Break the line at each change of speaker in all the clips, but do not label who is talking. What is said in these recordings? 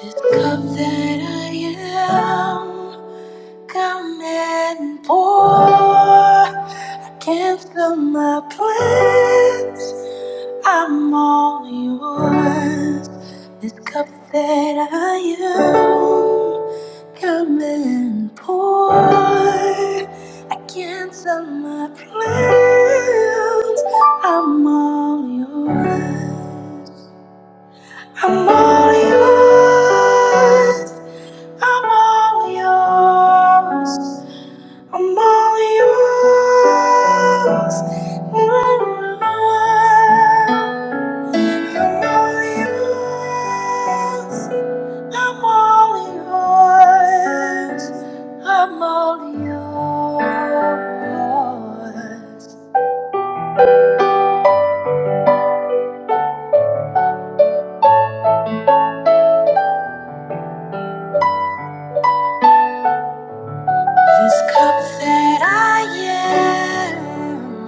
This cup that I am, come and pour. I cancel my plans, I'm all yours. This cup that I am, come and pour. I cancel my plans, I'm all yours. I'm all yours. I'm all yours. I'm all yours. I'm all yours. I'm all yours. I'm all yours. This cup that I am,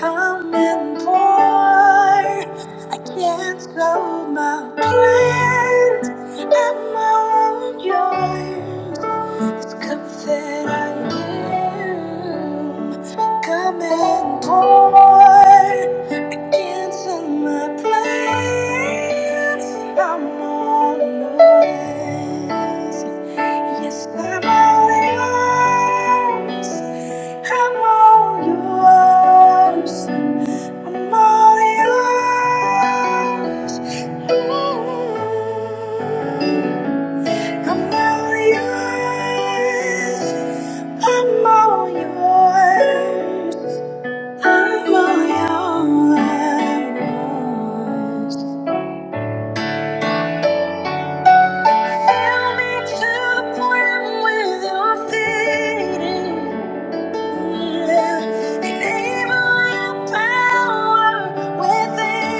come and pour. I can't cancel my plans I'm all yours. This cup that I am, come and pour. I can't cancel my plans I'm all yours. Yes, I'm all yours. I'm all yours. I'm all yours. Mm. I'm all yours. I'm all yours. I'm all yours. Fill me to the point where I'm fading. Power within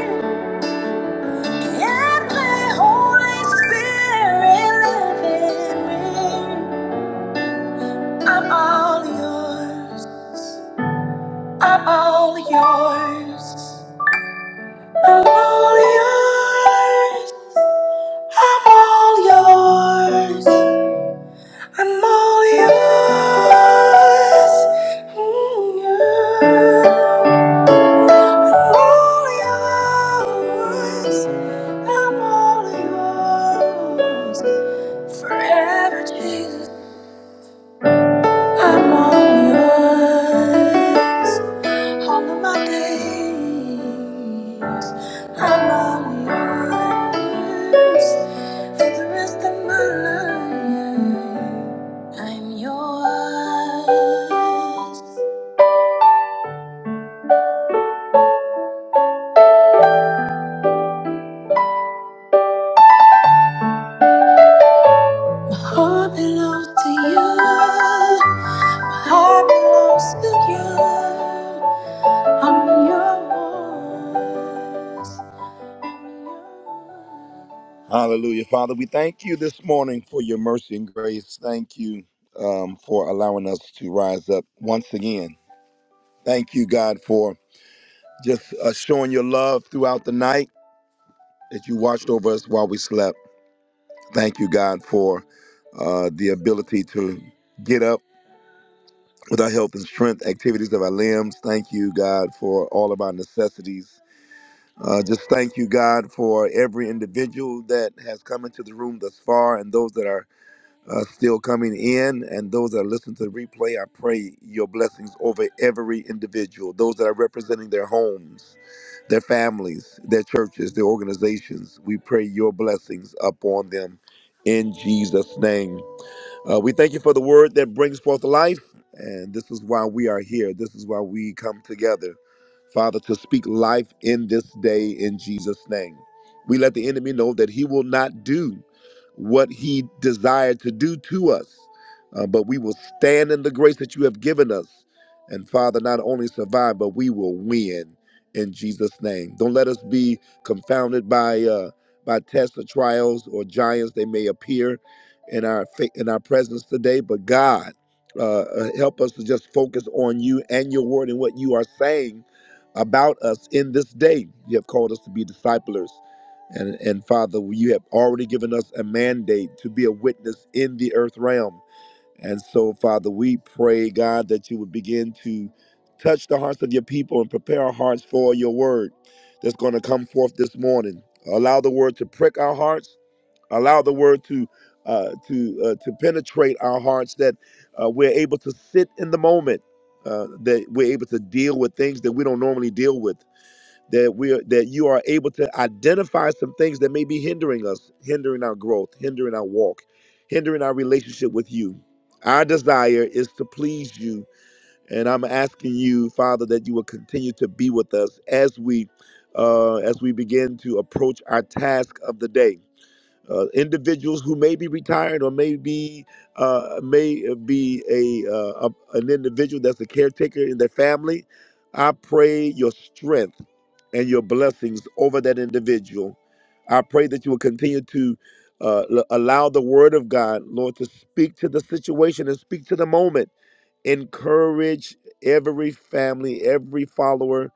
me. And the Holy Spirit live in me. I'm all yours. I'm all yours. I'm all yours. I'm all yours. I'm all yours. Mm, yeah. all yours. I'm all yours. Forever, Jesus. I'm all yours. All of my days. I'm all yours. For the rest of my life, I'm yours. My heart belongs to you. Heart belongs to you. I'm yours. Hallelujah. Father, we thank you this morning for your mercy and grace. Thank you um, for allowing us to rise up once again. Thank you, God, for just uh, showing your love throughout the night that you watched over us while we slept. Thank you, God, for uh, the ability to get up without help and strength, activities of our limbs. Thank you, God, for all of our necessities. Uh, just thank you, God, for every individual that has come into the room thus far and those that are uh, still coming in and those that are listening to the replay. I pray your blessings over every individual, those that are representing their homes, their families, their churches, their organizations. We pray your blessings upon them in Jesus' name. Uh, we thank you for the word that brings forth life, and this is why we are here. This is why we come together, Father, to speak life in this day in Jesus' name. We let the enemy know that he will not do what he desired to do to us, uh, but we will stand in the grace that you have given us. And Father, not only survive, but we will win in Jesus' name. Don't let us be confounded by uh, by tests or trials or giants they may appear in our fa- in our presence today. But God, uh, uh, help us to just focus on you and your word and what you are saying about us in this day. You have called us to be disciplers, and and Father, you have already given us a mandate to be a witness in the earth realm. And so, Father, we pray, God, that you would begin to touch the hearts of your people and prepare our hearts for your word that's going to come forth this morning. Allow the word to prick our hearts allow the word to uh, to uh, to penetrate our hearts that uh, we're able to sit in the moment uh, that we're able to deal with things that we don't normally deal with that we are that you are able to identify some things that may be hindering us hindering our growth hindering our walk hindering our relationship with you our desire is to please you and i'm asking you father that you will continue to be with us as we uh, as we begin to approach our task of the day uh, individuals who may be retired or may be uh, may be a, uh, a an individual that's a caretaker in their family. I pray your strength and your blessings over that individual. I pray that you will continue to uh, l- allow the Word of God, Lord, to speak to the situation and speak to the moment. Encourage every family, every follower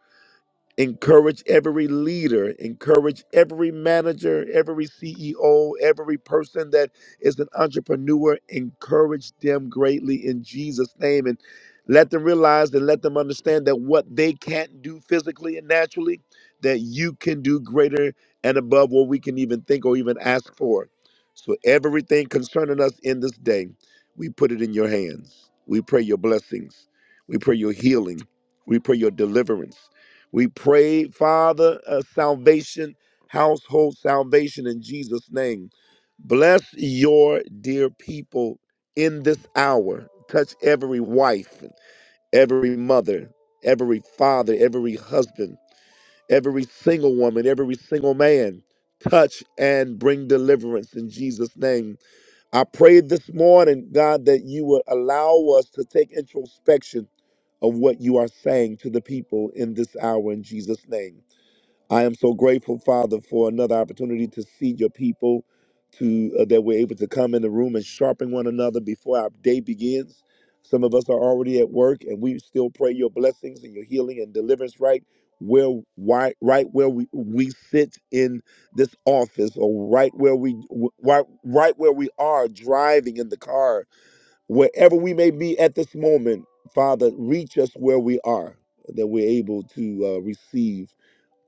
encourage every leader, encourage every manager, every CEO, every person that is an entrepreneur, encourage them greatly in Jesus' name and let them realize and let them understand that what they can't do physically and naturally, that you can do greater and above what we can even think or even ask for. So everything concerning us in this day, we put it in your hands. We pray your blessings. We pray your healing. We pray your deliverance. We pray, Father, uh, salvation, household salvation in Jesus' name. Bless your dear people in this hour. Touch every wife, every mother, every father, every husband, every single woman, every single man. Touch and bring deliverance in Jesus' name. I pray this morning, God, that you would allow us to take introspection of what you are saying to the people in this hour in Jesus' name. I am so grateful, Father, for another opportunity to see your people, to uh, that we're able to come in the room and sharpen one another before our day begins. Some of us are already at work, and we still pray your blessings and your healing and deliverance right where why, right where we, we sit in this office, or right where we w- right, right where we are driving in the car, wherever we may be at this moment. Father, reach us where we are, that we're able to uh, receive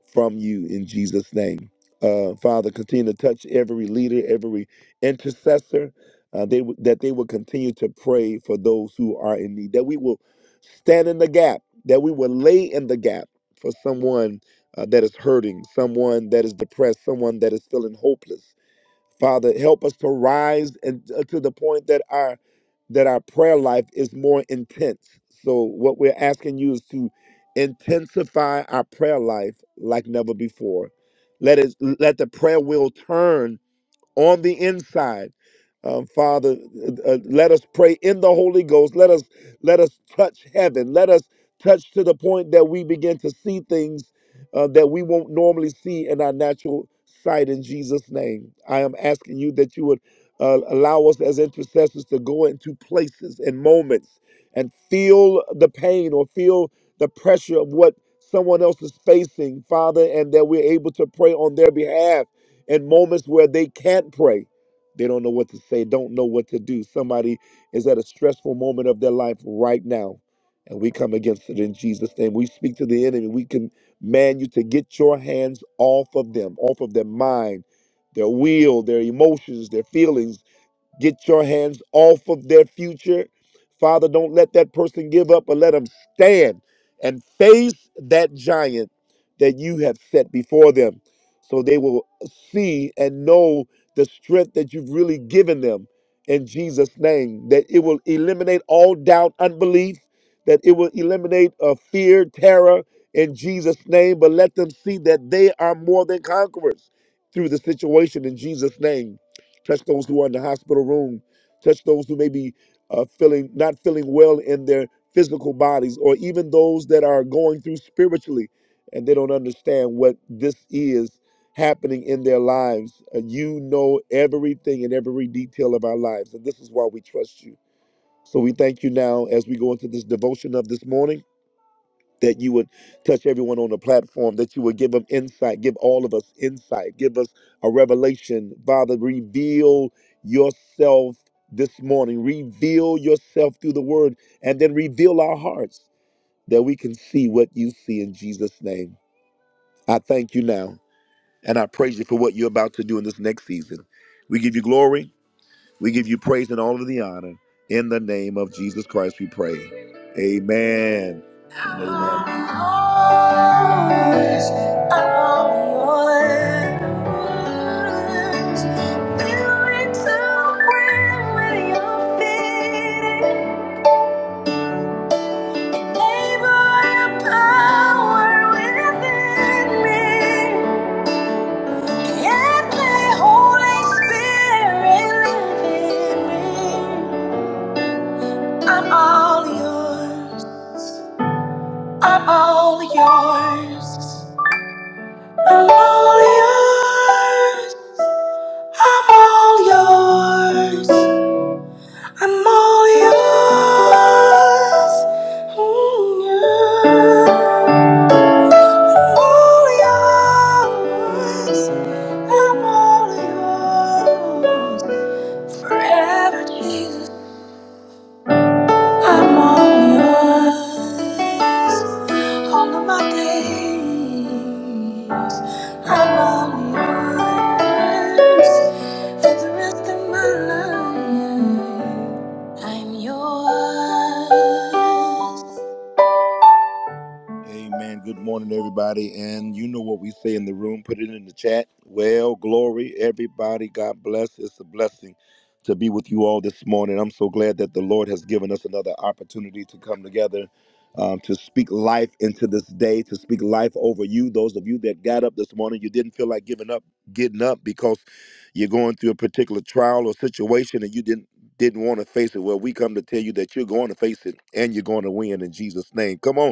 from you in Jesus' name. Uh, Father, continue to touch every leader, every intercessor, uh, they, w- that they will continue to pray for those who are in need, that we will stand in the gap, that we will lay in the gap for someone uh, that is hurting, someone that is depressed, someone that is feeling hopeless. Father, help us to rise and uh, to the point that our that our prayer life is more intense. So what we're asking you is to intensify our prayer life like never before. Let it let the prayer wheel turn on the inside. Um, Father, uh, uh, let us pray in the Holy Ghost. Let us let us touch heaven. Let us touch to the point that we begin to see things uh, that we won't normally see in our natural sight. In Jesus' name, I am asking you that you would uh, allow us as intercessors to go into places and moments and feel the pain or feel the pressure of what someone else is facing, Father, and that we're able to pray on their behalf in moments where they can't pray. They don't know what to say, don't know what to do. Somebody is at a stressful moment of their life right now, and we come against it in Jesus' name. We speak to the enemy. We command you to get your hands off of them, off of their mind, their will, their emotions, their feelings Get your hands off of their future. Father, don't let that person give up, but let them stand and face that giant that you have set before them so they will see and know the strength that you've really given them in Jesus' name, that it will eliminate all doubt, unbelief, that it will eliminate uh, fear, terror in Jesus' name, but let them see that they are more than conquerors through the situation in Jesus' name touch those who are in the hospital room, touch those who may be uh, feeling not feeling well in their physical bodies, or even those that are going through spiritually and they don't understand what this is happening in their lives. Uh, you know everything and every detail of our lives, and this is why we trust you. So we thank you now as we go into this devotion of this morning that you would touch everyone on the platform, that you would give them insight, give all of us insight, give us a revelation. Father, reveal yourself this morning, reveal yourself through the word, and then reveal our hearts that we can see what you see in Jesus' name. I thank you now, and I praise you for what you're about to do in this next season. We give you glory. We give you praise and all of the honor. In the name of Jesus Christ, we pray. Amen. amen. I'm all yours. I'm all yours. I'm all yours. I'm all yours. I'm all yours. Mm, yeah. I'm all yours. I'm all yours. Forever, Jesus. I'm all yours. All of my days, I'm all yours. For the rest of my life, I'm yours. Amen. Good morning, everybody. And you know what we say in the room, put it in the chat. Well, glory, everybody. God bless. It's a blessing to be with you all this morning. I'm so glad that the Lord has given us another opportunity to come together um, to speak life into this day, to speak life over you. Those of you that got up this morning, you didn't feel like giving up, getting up because you're going through a particular trial or situation and you didn't didn't want to face it. Well, we come to tell you that you're going to face it and you're going to win in Jesus' name. Come on.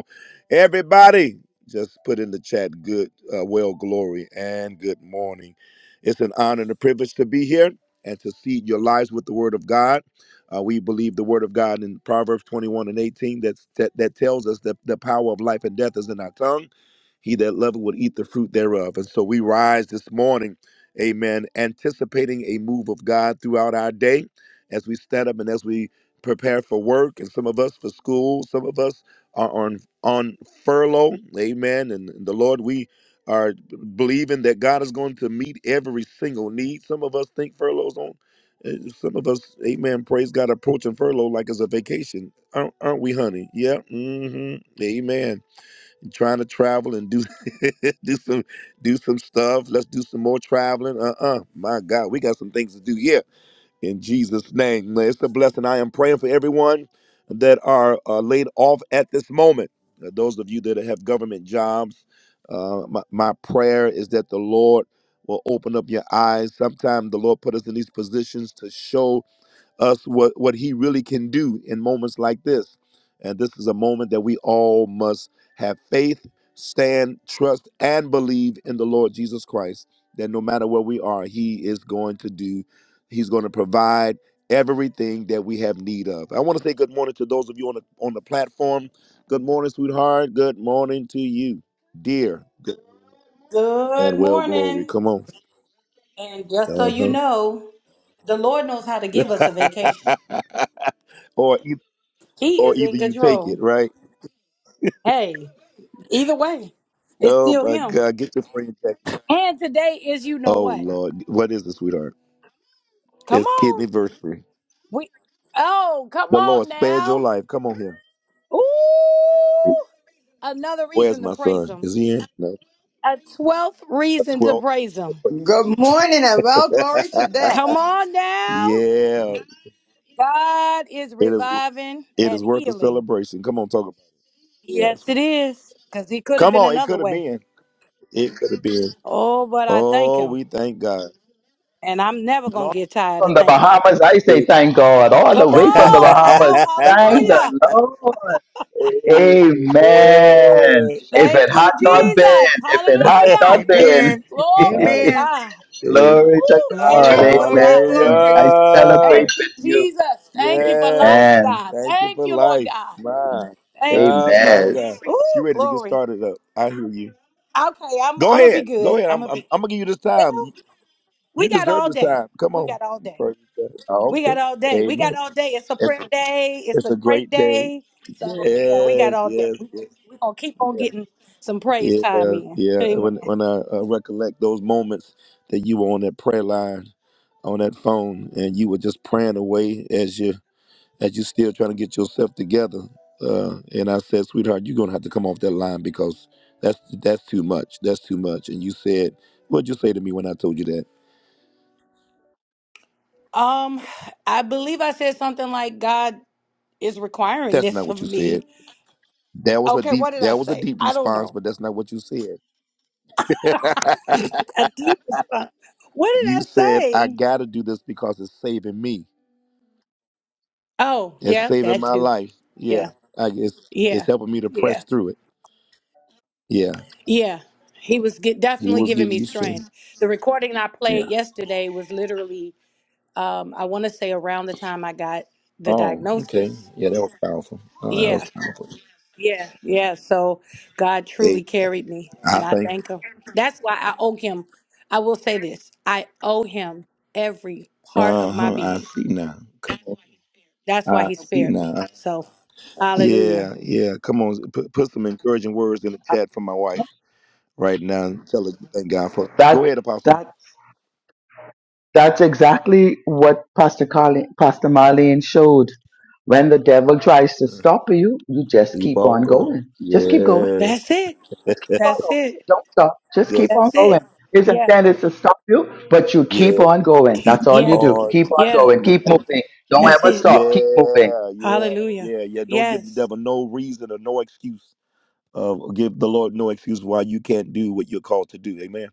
Everybody, just put in the chat good, uh, well, glory, and good morning. It's an honor and a privilege to be here and to seed your lives with the Word of God. Uh, we believe the Word of God in Proverbs 21 and 18 that's, that, that tells us that the power of life and death is in our tongue. He that loveth will eat the fruit thereof. And so we rise this morning, amen, anticipating a move of God throughout our day as we stand up and as we prepare for work, and some of us for school, some of us are on on furlough. Amen. And the Lord, we are believing that God is going to meet every single need. Some of us think furloughs on. uh, Some of us, amen, praise God, approaching furlough like it's a vacation. Aren't, aren't we, honey? Yeah. hmm Amen. Trying to travel and do do some do some stuff. Let's do some more traveling. Uh-uh. My God, we got some things to do. Yeah in Jesus' name. It's a blessing. I am praying for everyone that are uh, laid off at this moment. Uh, those of you that have government jobs, uh, my, my prayer is that the Lord will open up your eyes. Sometimes the Lord put us in these positions to show us what, what he really can do in moments like this. And this is a moment that we all must have faith, stand, trust, and believe in the Lord Jesus Christ that no matter where we are, he is going to do, he's going to provide everything that we have need of. I want to say good morning to those of you on the on the platform. Good morning, sweetheart. Good morning to you, dear. Good
Good
and well glory.
morning.
Come on.
And just so you
Uh-huh.
know, the Lord knows how to give us a vacation.
or e-
He
or
is in
either you take it,
control.
right?
Hey, either way, it's
Oh
still
my
him.
God, get your friend Jackie.
And today is you know
Oh
what?
Lord, what is it, sweetheart?
Come
It's kidney
on.
anniversary.
We Oh, come
The
on
Lord spared your
now.
life. Come on here.
Ooh! Another
Where's
reason to
my
praise
son?
him.
Is he in? No.
A 12th
A
reason to
twelfth
praise
reason to
him.
praise.
Good morning and well glory to that.
Come on now.
yeah,
God is
it is.
reviving
It
and
is worth a
healing.
celebration. Come on, talk about. It. Yeah, it's
Yes,
worth
it
it.
is. Because he could have
Come
been
on, it
another
could have
way.
been. It could have been.
Oh, but I thank
Oh,
him.
we thank God.
And I'm never going
Hello?
to get tired
From
of
the
thanking him.
Bahamas, I say thank God. All the
Come
way from the
on now.
Bahamas. Thank the
Hallelujah.
Lord.
Amen.
Amen. If
Thank
it
you,
had not been,
Jesus.
if it had not
Hallelujah.
been.
Amen.
Glory to
Amen.
Hallelujah.
God.
Glory to
Woo, thank
Glory,
God.
you, Lord
glory,
God.
Amen.
glory.
I celebrate
Hallelujah.
Thank you,
with you.
Jesus. Thank you for
Yes.
life,
Amen.
God.
Thank you
Thank
for
you, Lord
life.
God.
My
Thank you,
God, my
Amen.
God.
Jesus.
You
Ooh,
ready to get
glory.
started up. I hear you.
Okay, I'm,
Go
I'm going to be
ahead. Go
good.
ahead.
I'm
I'm,
going to
I'm,
be
I'm going to give you this time.
Well,
You
we got
deserve
all
this
day.
time. Come
We
on.
got all day.
Praise God. Oh,
We
okay.
got all day. We got
Amen.
all day. It's a
It's,
prayer day. It's
it's
a
a
great
great day.
day. So yeah, we got
Yes,
all day.
yes,
We're
yes,
gonna, we gonna keep on
yeah,
getting some praise time
yeah,
in.
yeah. When
Amen.
when I uh, recollect those moments that you were on that prayer line, on that phone, and you were just praying away as you that you're still trying to get yourself together. Uh, and I said, sweetheart, you're gonna have to come off that line because that's that's too much. That's too much. And you said, what'd you say to me when I told you that?
Um, I believe I said something like God is requiring
That's not
this
what
of
you said.
me.
That was a
Okay,
deep
what did I
that was a
say?
deep
I don't
response,
know.
but that's not what you said.
A deep response. What did
You
I
said, I
say?
gotta do this because it's saving me.
Oh,
It's
yeah,
saving
that
my
too.
life. Yeah.
Yeah.
I guess it's
Yeah.
helping me to
Yeah.
press through it. Yeah.
Yeah. He was get,
He
definitely
was
giving me
giving you strength.
strength. The recording I
Yeah.
played yesterday was literally um, I want to say around the time I got the
Oh, okay.
diagnosis.
Yeah, that was powerful. Oh, that
Yeah,
was powerful.
yeah, yeah. So God
Amen.
truly carried me,
I
and I
think.
thank Him. That's why I owe Him. I will say this I owe Him every part of
Uh
my
huh. I
being.
see now. Come on.
That's why
I
He
see
spared me.
now.
So, hallelujah.
Yeah, yeah. Come on. Put, put some encouraging words in the chat for my wife right now. and Tell her you thank God for. Go
That's
ahead, Apostle.
that's that's exactly what Pastor Carlin, Pastor Marlene showed. When the devil tries to
Uh,
stop you, you just
Keep
keep
on
on
going.
going. Just keep going
Yes.
That's it.
Just keep on
That's
going.
it.
Don't stop. Just keep
Just
on
That's
going.
it.
His
Yeah,
intent is to stop you, but you keep
yeah.
on going.
Keep
That's all you
yeah,
do.
on.
Keep on
yeah.
going. Keep
marching.
moving. Don't
That's
ever
it.
stop. Keep moving.
Yeah, yeah,
Hallelujah.
yeah, yeah. Don't give the
Yes.
devil no reason or no excuse. Uh, give the Lord no excuse why you can't do what you're called to do. Amen.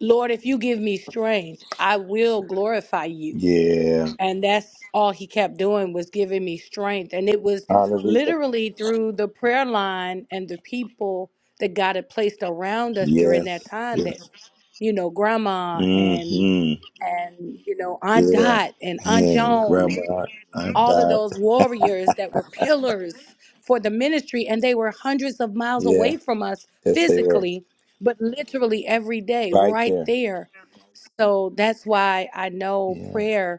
Lord, if you give me strength, I will glorify you
Yeah.
and that's all he kept doing was giving me strength and it was
Hallelujah.
literally through the prayer line and the people that God had placed around us during that
Yes.
time
Yes.
that you know grandma and
hmm
and you know Aunt
Yeah.
Dot and Aunt
Yeah.
Joan and
Grandma, i
all of
died.
those warriors that were pillars for the ministry and they were hundreds of miles
Yeah.
away from us
Yes, they were
physically but literally every day
right
right
there.
there so that's why I know
Yeah.
prayer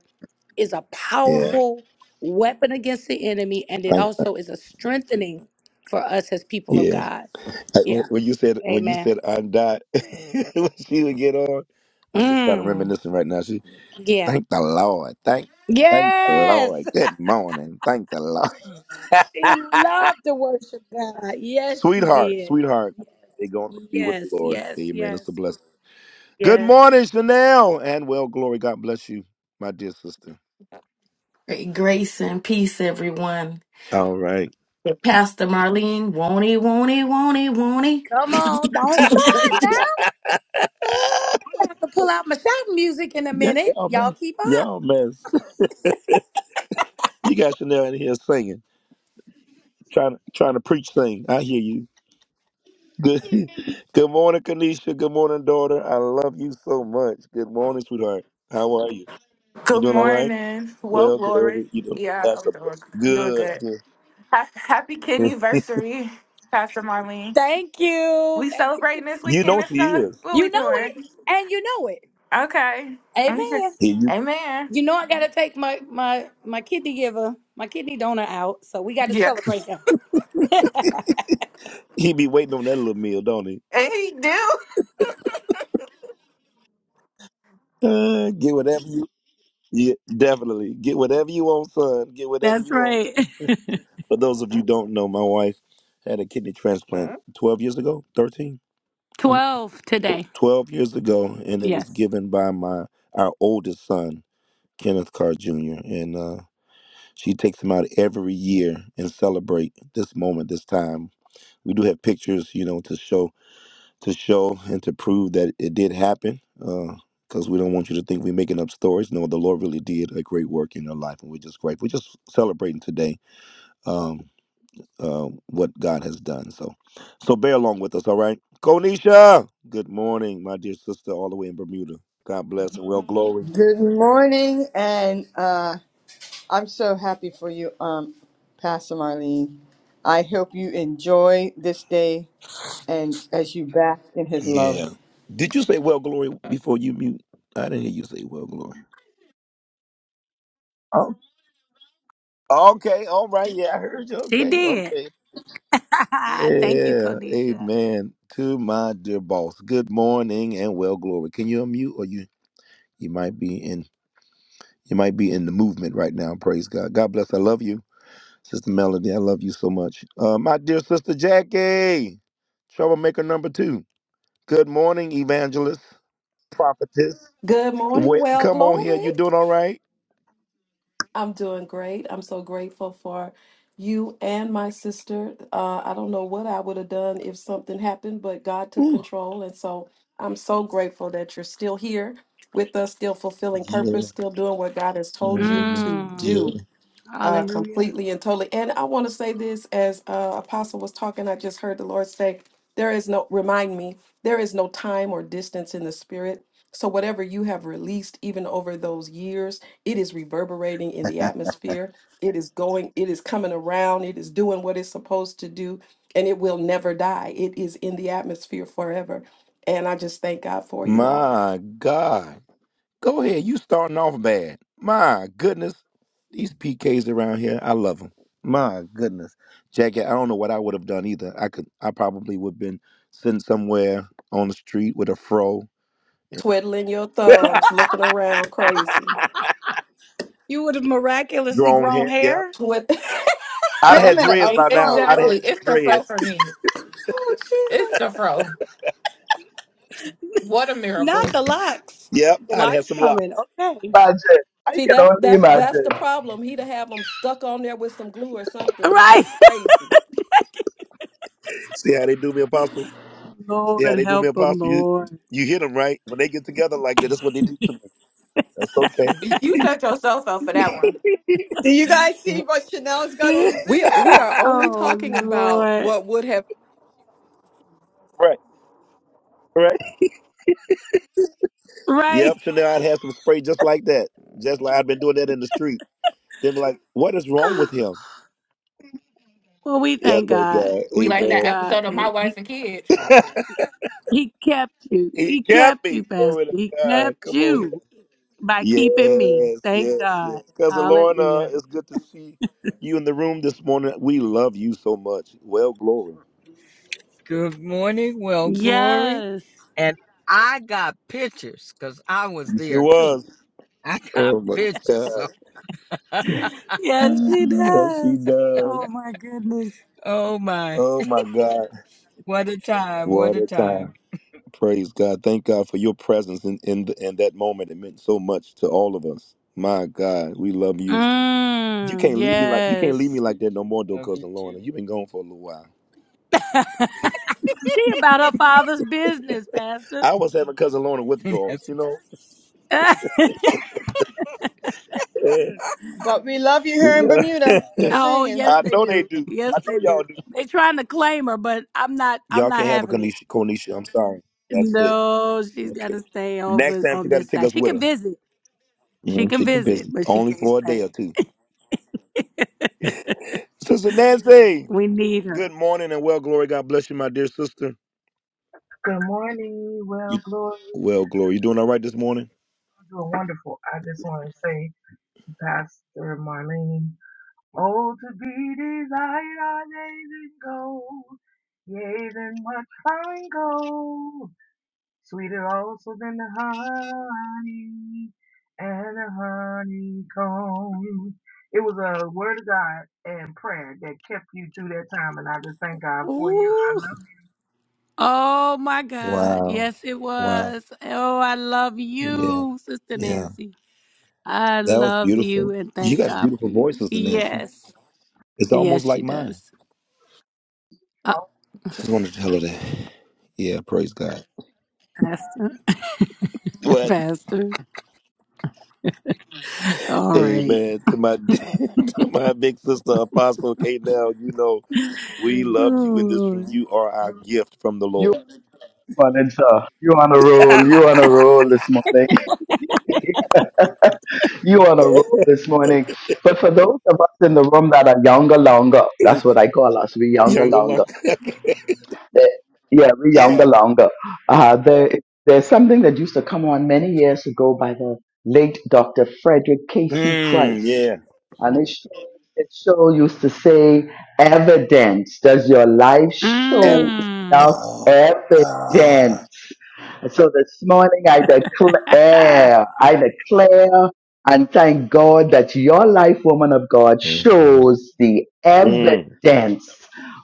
is a
Yeah.
powerful weapon against the enemy, and it
Thank you.
also is a strengthening for us as people of
Yeah.
God.
I- When
Yeah.
when you said when you
Amen.
said I'm died, when she would get on, I'm just kind of
Mm.
reminiscing right now. She
Yeah.
thank the Lord. Thank thank the
Yes.
Lord. Good morning. Thank the Lord.
she loved to worship God. Yes, she
Sweetheart,
did.
sweetheart, they going to be with the
Yes,
Lord.
yes,
Amen. It's a
yes,
blessing. Good
yes.
morning, Chanel. And well, glory. God bless you, my dear sister.
Great grace and peace, everyone.
All right.
Pastor Marlene, won't he, won't he, won't he, won't
Come on, don't start
he?
now. I'm gonna have to pull out my shouting music in a
Yeah,
minute.
y'all
Y'all
man.
keep up.
Y'all man. You got Chanel in here singing, trying to trying to preach sing. I hear you. Good good morning, Kanisha. Good morning, daughter. I love you so much. Good morning, sweetheart. How are you? You
Good
doing all right?
morning. Well,
Well,
glory.
glory. You doing
Yeah,
that's
I'm
a
doing.
blessing.
I'm doing
Good,
good. Ha- Happy
good.
anniversary, Pastor Marlene.
Thank you.
We
Thank you,
celebrating this
Tanisha.
You
weekend
know
and
she
stuff.
is.
What
You
we
know
doing?
it, and you know it.
Okay. Okay.
Amen.
Amen.
You know I gotta take my my my kidney giver, my kidney donor out, so we got to
Yeah.
celebrate him.
He be waiting on that little meal, don't he?
And he do.
Uh, get whatever you. Yeah, definitely. Get whatever you want, son. Get whatever
That's
you want.
right.
For those of you who don't know, my wife had a kidney transplant 12 years ago, 13, Um,
Twelve today.
12 years ago, and it was
yes,
given by my our oldest son, Kenneth Carr Jr. And uh, she takes him out every year and celebrate this moment, this time. We do have pictures, you know, to show to show and to prove that it did happen because we don't want you to think we're making up stories. No, the Lord really did a great work in your life, and we're just grateful. We're just celebrating today um, uh, what God has done. So, so bear along with us, all right? Konisha, good morning, my dear sister, all the way in Bermuda. God bless and well glory.
Good morning and uh I'm so happy for you, um, Pastor Marlene. I hope you enjoy this day and as you bask in his love.
Yeah. Did you say well glory before you mute? I didn't hear you say well glory. Oh, okay, all right. Yeah, I heard you.
she
Okay,
did.
okay.
Thank you,
Yeah,
Konisha.
amen. To my dear boss. Good morning and well glory. Can you unmute or you you might be in you might be in the movement right now. Praise God. God bless. I love you, Sister Melody. I love you so much. Uh, my dear sister Jackie, troublemaker number two. Good morning, evangelist, prophetess.
Good morning,
Wait,
well,
come on here.
glory.
You doing all right?
I'm doing great. I'm so grateful for you and my sister. Uh, I don't know what I would have done if something happened, but God took
Woo.
control. And so I'm so grateful that you're still here with us, still fulfilling
Yeah.
purpose, still doing what God has told you
hmm
to
Mm.
do
Yeah.
uh,
Hallelujah.
completely and totally. And I want to say this as uh, Apostle was talking, I just heard the Lord say, There is no, remind me, there is no time or distance in the spirit. So whatever you have released, even over those years, it is reverberating in the atmosphere. It is going, it is coming around, it is doing what it's supposed to do, and it will never die. It is in the atmosphere forever. And I just thank God for you all.
My God. Go ahead. You starting off bad. My goodness. These PKs around here, I love them. My goodness. Jackie, I don't know what I would have done either. I could I probably would have been sitting somewhere on the street with a fro.
Twiddling your thumbs, looking around crazy.
You would have
Your
miraculously
own
grown
hair. Yep.
hair.
Twid-
I'd have
Wait a
had
minute,
dreads
a
Okay.
by now.
fro.
I'd
Oh,
have
Exactly.
had some
It's the fro
dreads.
for me.
oh,
It's
Jesus.
the fro. What a
Not
miracle.
the locks.
Yep.
The
I'd have
locks
some locks.
coming. Okay.
Imagine. I
See,
can
that's
only
that's that's
imagine.
the problem. He'd have them stuck on there with some glue or
right.
something, looking crazy.
See how they do me apostle? See how
Lord,
they do me
help them,
apostle? You
Lord.
you hit them right. When they get together like that, that's what they do to me. That's okay.
You set yourself up for that one.
do you guys see
W-
what Chanel's got on the
We
thing?
we are only
Oh,
talking about
Lord.
what would have.
Right. Right.
Right.
Yep. So now I'd have some spray just like that. Just like I've been doing that in the street. They were like, what is wrong with him?
Well, we
Yeah,
thank
thank
God.
God.
Be
We
like
thank
that
Amen.
God
episode of My
that
Wife
He
and Kids.
He kept you.
he
He
got
kept you,
me.
Pastor.
Glory to
He
God.
kept
Come on here.
you by keeping me.
Yes,
Thank
yes, yes.
God.
Cousin Lorna,
Hallelujah.
it's good to see you in the room this morning. We love you so much. Well, glory.
Good morning. Well, glory.
Yes.
And I got pictures because I was
You sure
there too.
was.
I got
Oh my
pictures.
God.
So,
Yes, she
Yes, he
does.
does.
Oh my goodness.
oh my,
Oh my God.
what a time. What
What
a
a
time
time. Praise God. Thank God for your presence in, in, in that moment. It meant so much to all of us. My God, we love you. You
Mm,
can't leave me like you can't leave me
yes.
like that no more, though,
of you
cousin
two.
Lorna. You've been gone for a little while.
She about her father's business, Pastor.
I was having cousin Lorna withdrawals,
Yes.
you know. Yeah.
But we love you here
We-
in Bermuda. Just
oh,
saying.
yes,
I
they
know they
do.
do.
Yes,
I
they
know
do.
y'all do.
They trying to claim her, but I'm not I'm
Y'all
not
can't have a
having it.
Konisha. Konisha, I'm sorry. That's it.
No, she's got to
Okay.
stay
Next
over
time she
on
got to
this
take
side.
us
She
with
can
her.
visit. She
Mm,
can
she can
visit,
visit
but she
only
can't
for a day
stay.
or two. Sister Nancy,
We need
good
her.
morning and well glory. God bless you, my dear sister.
Good morning.
You-
Well, Glory,
well glory. You doing all right this morning?
you are wonderful. I just want to say to Pastor Marlene, oh, to be desired are yea than gold, yea than much fine gold, sweeter also than the honey and the honeycomb. It was a word of God and prayer that kept you through that time, and I just thank God for you. I
Ooh.
love
Oh my God.
Wow.
Yes, it
Wow.
was. Oh, I love
Yeah.
you, Sister
Yeah.
Nancy. I
That was
love you
beautiful.
and
You
thank
got a
God for
beautiful voice,
you.
Sister Nancy.
Yes.
It's
Yes,
almost like
she
mine.
does. Uh,
you.
Just wanted to tell her that. Yeah, praise God.
Pastor.
What?
Pastor. All right.
Amen. To my to my big sister Apostle K now, you know, we love you in this
Ooh.
room. You are our gift from the
You
Lord.
on it, sir. You on a roll. You on a roll this morning. you on a roll this morning. But for those of us in the room that are younger, longer, that's what I call us. We younger,
Younger
longer.
long.
that yeah, we younger
yeah.
longer. Uh, there, there's something that used to come on many years ago by the late Dr. Frederick Casey
Mm,
Price,
yeah.
and it show, it show used to say, "Evidence does your life
Ep-
show
Mm.
enough
oh God.
evidence?" And so this morning I declare, I declare and thank God that your life, woman of God,
Mhm.
shows the
Mm.
evidence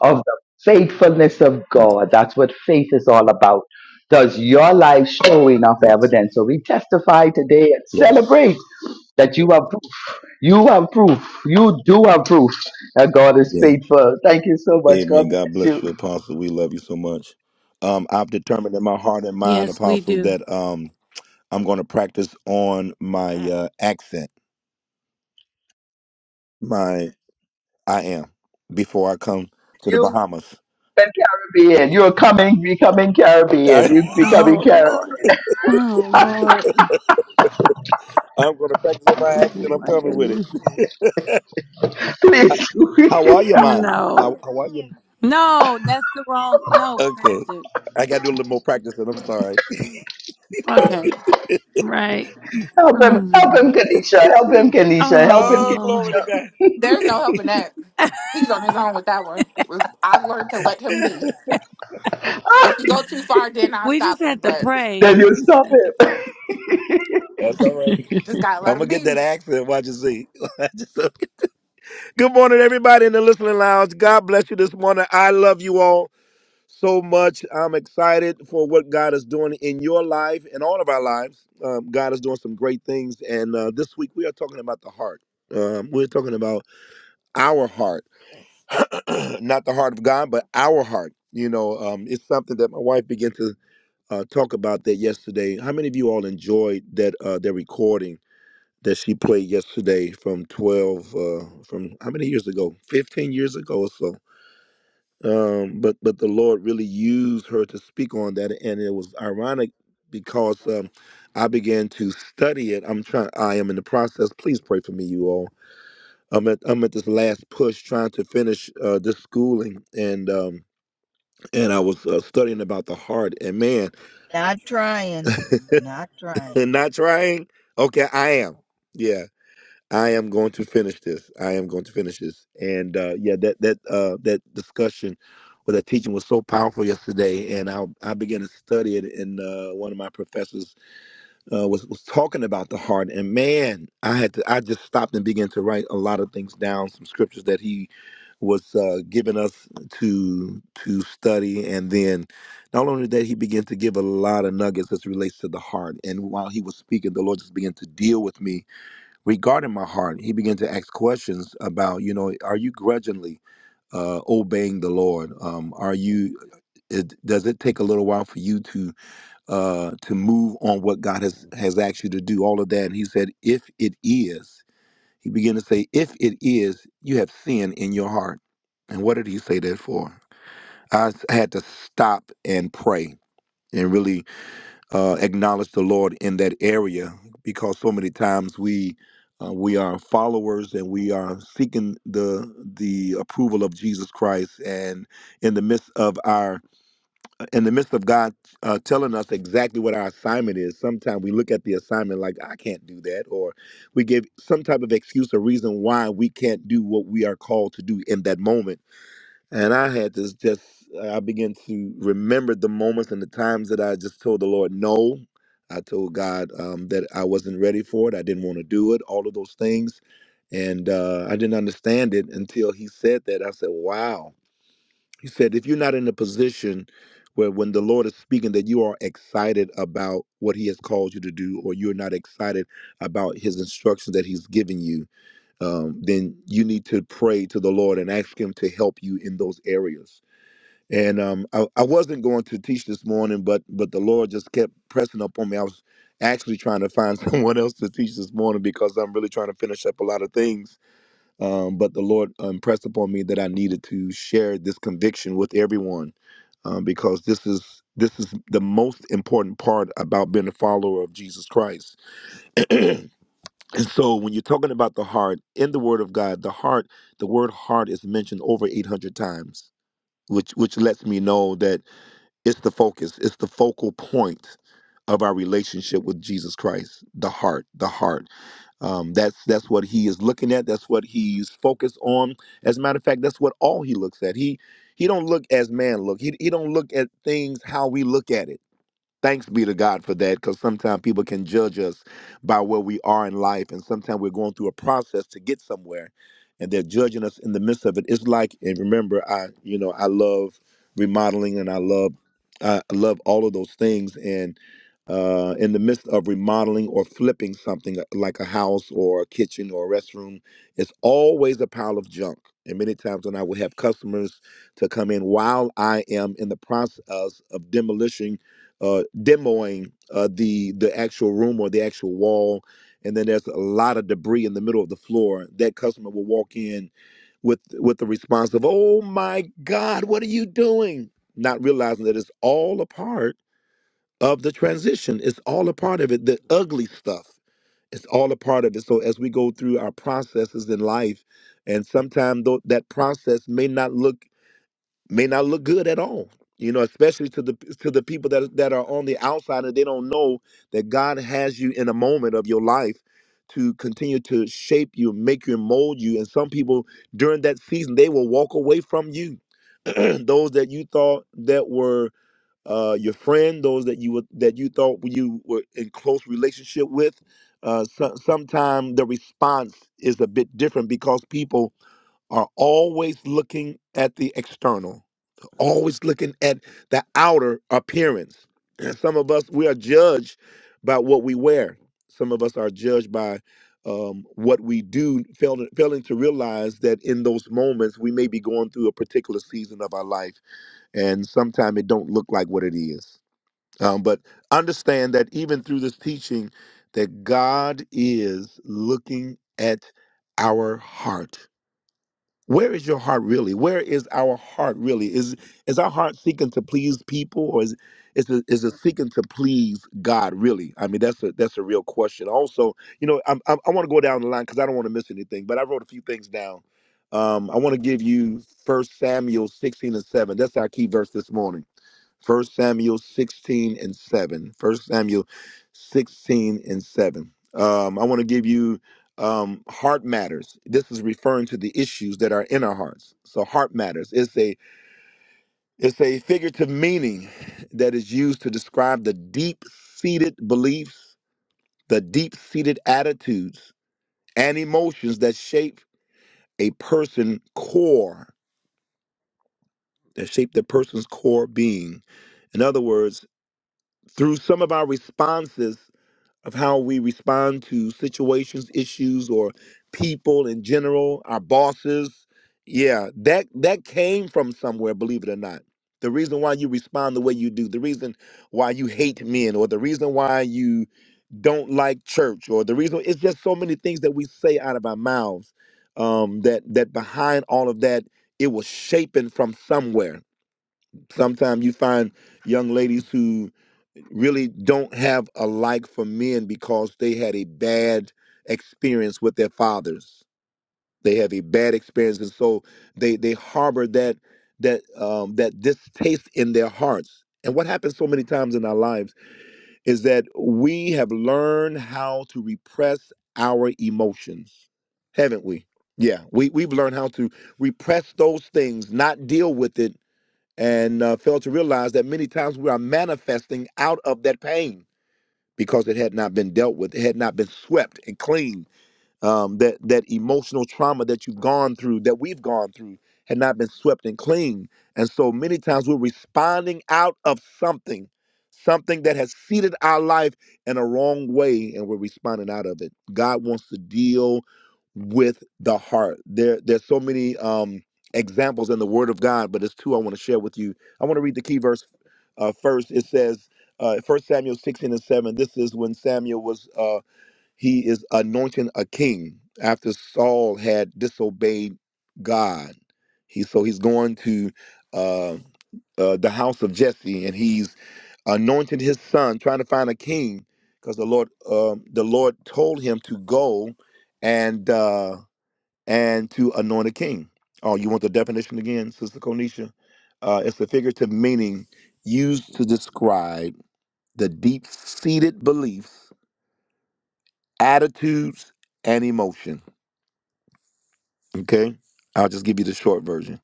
of the faithfulness of God. That's what faith is all about. Does your life show enough
Yes.
evidence? So we testify today and celebrate that you have proof. You have proof. You do have proof that God is
Yes.
faithful. Thank you so much. God
Amen. God
bless
bless you,
you.
Apostle. We love you so much. Um, I've determined in my heart and mind,
yes, we
Apostle,
do.
that um, I'm going to practice on my Mm. uh, accent. My I am before I come to the
You
Bahamas.
and Caribbean. You're coming, becoming Caribbean.
I,
You're becoming
Oh
Caribbean.
Lord. Oh Lord.
am going to practice on my
Oh
accent. I'm
my
coming with it.
goodness.
Please,
H- How are you, man? How
No.
How are you?
No, that's the wrong no,
Okay,
Pastor.
I got to do a little more practicing. I'm sorry.
Okay. Right.
help
Oh
him,
my.
help him, Kanisha. Help him, Kanisha. Help him,
Oh
Oh, glory to
Kanisha.
Lord.
God.
There's no helping that. He's on his own with that one. I've learned to let him be.
Ah,
If he go too far, then I'll
we just
stop him.
have to
But
pray.
then you
We just
stop
have to
it.
That's all right.
pray.
just gotta
I'm
let
gonna
him
get
be.
that accent. Watch and see. Good morning, everybody in the listening lounge. God bless you this morning. I love you all so much. I'm excited for what God is doing in your life and all of our lives. Um, God is doing some great things. And uh, this week we are talking about the heart. Um, we're talking about our heart, not the heart of God, but our heart. You know, um, it's something that my wife began to uh, talk about that yesterday. How many of you all enjoyed that uh, their recording? that she played yesterday from 12 uh from how many years ago 15 years ago or so um but but the lord really used her to speak on that and it was ironic because um i began to study it i'm trying i am in the process please pray for me you all i'm at i'm at this last push trying to finish uh this schooling and um and i was uh, studying about the heart and man
Not trying. Not trying.
and not trying okay i am yeah I am going to finish this. I am going to finish this. And uh, yeah, that that uh, that discussion or that teaching was so powerful yesterday, and I I began to study it, and uh, one of my professors uh, was was talking about the heart, and man, I had to I just stopped and began to write a lot of things down, some scriptures that he was uh, giving us to to study, and then not only that, he began to give a lot of nuggets as it relates to the heart, and while he was speaking, the Lord just began to deal with me regarding my heart, he began to ask questions about, you know, are you grudgingly uh, obeying the Lord? Um, are you? It, does it take a little while for you to uh, to move on what God has has asked you to do? All of that, and he said, if it is, he began to say, if it is, you have sin in your heart. And what did he say that for? I s- had to stop and pray and really uh, acknowledge the Lord in that area because so many times we uh, we are followers and we are seeking the the approval of Jesus Christ and in the midst of our in the midst of God uh, telling us exactly what our assignment is sometimes we look at the assignment like I can't do that or we give some type of excuse or reason why we can't do what we are called to do in that moment and I had to just, I began to remember the moments and the times that I just told the Lord no. I told God um, that I wasn't ready for it. I didn't want to do it, all of those things. And uh, I didn't understand it until He said that. I said, wow. He said, if you're not in a position where when the Lord is speaking, that you are excited about what He has called you to do, or you're not excited about His instructions that He's given you, um, then you need to pray to the Lord and ask Him to help you in those areas and um, I, I wasn't going to teach this morning, but but the Lord just kept pressing up on me. I was actually trying to find someone else to teach this morning because I'm really trying to finish up a lot of things. Um, but the Lord impressed upon me that I needed to share this conviction with everyone um, because this is this is the most important part about being a follower of Jesus Christ. and so, when you're talking about the heart in the Word of God, the heart, the word heart is mentioned over 800 times, which which lets me know that. It's the focus, it's the focal point of our relationship with Jesus Christ, the heart, the heart. Um, that's that's what he is looking at. That's what he's focused on. As a matter of fact, that's what all he looks at. He he don't look as man look. He he don't look at things how we look at it. Thanks be to God for that, because sometimes people can judge us by where we are in life, and sometimes we're going through a process to get somewhere, and they're judging us in the midst of it. It's like, and remember, I, you know, I love remodeling, and I love, I love all of those things, and uh, in the midst of remodeling or flipping something uh, like a house or a kitchen or a restroom, it's always a pile of junk. And many times when I will have customers to come in while I am in the process of demolition uh, demoing uh, the the actual room or the actual wall, and then there's a lot of debris in the middle of the floor. That customer will walk in with with the response of "Oh my God, what are you doing?" Not realizing that it's all a part of the transition. It's all a part of it. The ugly stuff. It's all a part of it. So as we go through our processes in life, and sometimes that process may not look may not look good at all. You know, especially to the to the people that that are on the outside and they don't know that God has you in a moment of your life to continue to shape you, make you, and mold you. And some people during that season they will walk away from you. those that you thought that were uh, your friend, those that you were, that you thought you were in close relationship with. Uh, so, sometimes the response is a bit different because people are always looking at the external always looking at the outer appearance. And some of us, we are judged by what we wear. Some of us are judged by um, what we do, failing, failing to realize that in those moments we may be going through a particular season of our life, and sometimes it don't look like what it is. Um, but understand that even through this teaching, that God is looking at our heart where is your heart really? Where is our heart really? Is is our heart seeking to please people, or is is it, is it seeking to please God really? I mean, that's a that's a real question. Also, you know, I'm, I'm, I want to go down the line because I don't want to miss anything. But I wrote a few things down. Um, I want to give you First Samuel 16 and 7. That's our key verse this morning. First Samuel 16 and 7. First Samuel 16 and 7. Um, I want to give you um, heart matters. This is referring to the issues that are in our hearts. So heart matters. It's a it's a figurative meaning that is used to describe the deep seated beliefs, the deep seated attitudes and emotions that shape a person core, that shape the person's core being. In other words, through some of our responses of how we respond to situations, issues, or people in general, our bosses. Yeah, that that came from somewhere, believe it or not. The reason why you respond the way you do, the reason why you hate men, or the reason why you don't like church, or the reason it's just so many things that we say out of our mouths. Um, that that behind all of that, it was shaping from somewhere. Sometimes you find young ladies who really don't have a like for men because they had a bad experience with their fathers. They have a bad experience, and so they they harbor that that um, that distaste in their hearts. And what happens so many times in our lives is that we have learned how to repress our emotions, haven't we? Yeah, we we've learned how to repress those things, not deal with it, and uh, fail to realize that many times we are manifesting out of that pain because it had not been dealt with, it had not been swept and cleaned um, that that emotional trauma that you've gone through, that we've gone through, had not been swept and clean. And so many times we're responding out of something, something that has seeded our life in a wrong way, and we're responding out of it. God wants to deal with the heart. There, there's so many um, examples in the Word of God, but there's two I want to share with you. I want to read the key verse uh, first. It says, uh, 1 Samuel 16 and 7. This is when Samuel was. uh, he is anointing a king after Saul had disobeyed God. He so he's going to uh, uh, the house of Jesse, and he's anointing his son, trying to find a king, because the Lord, um, the Lord told him to go and uh, and to anoint a king. Oh, you want the definition again, Sister Konisha? Uh, it's a figurative meaning used to describe the deep-seated beliefs, attitudes, and emotions Okay? I'll just give you the short version.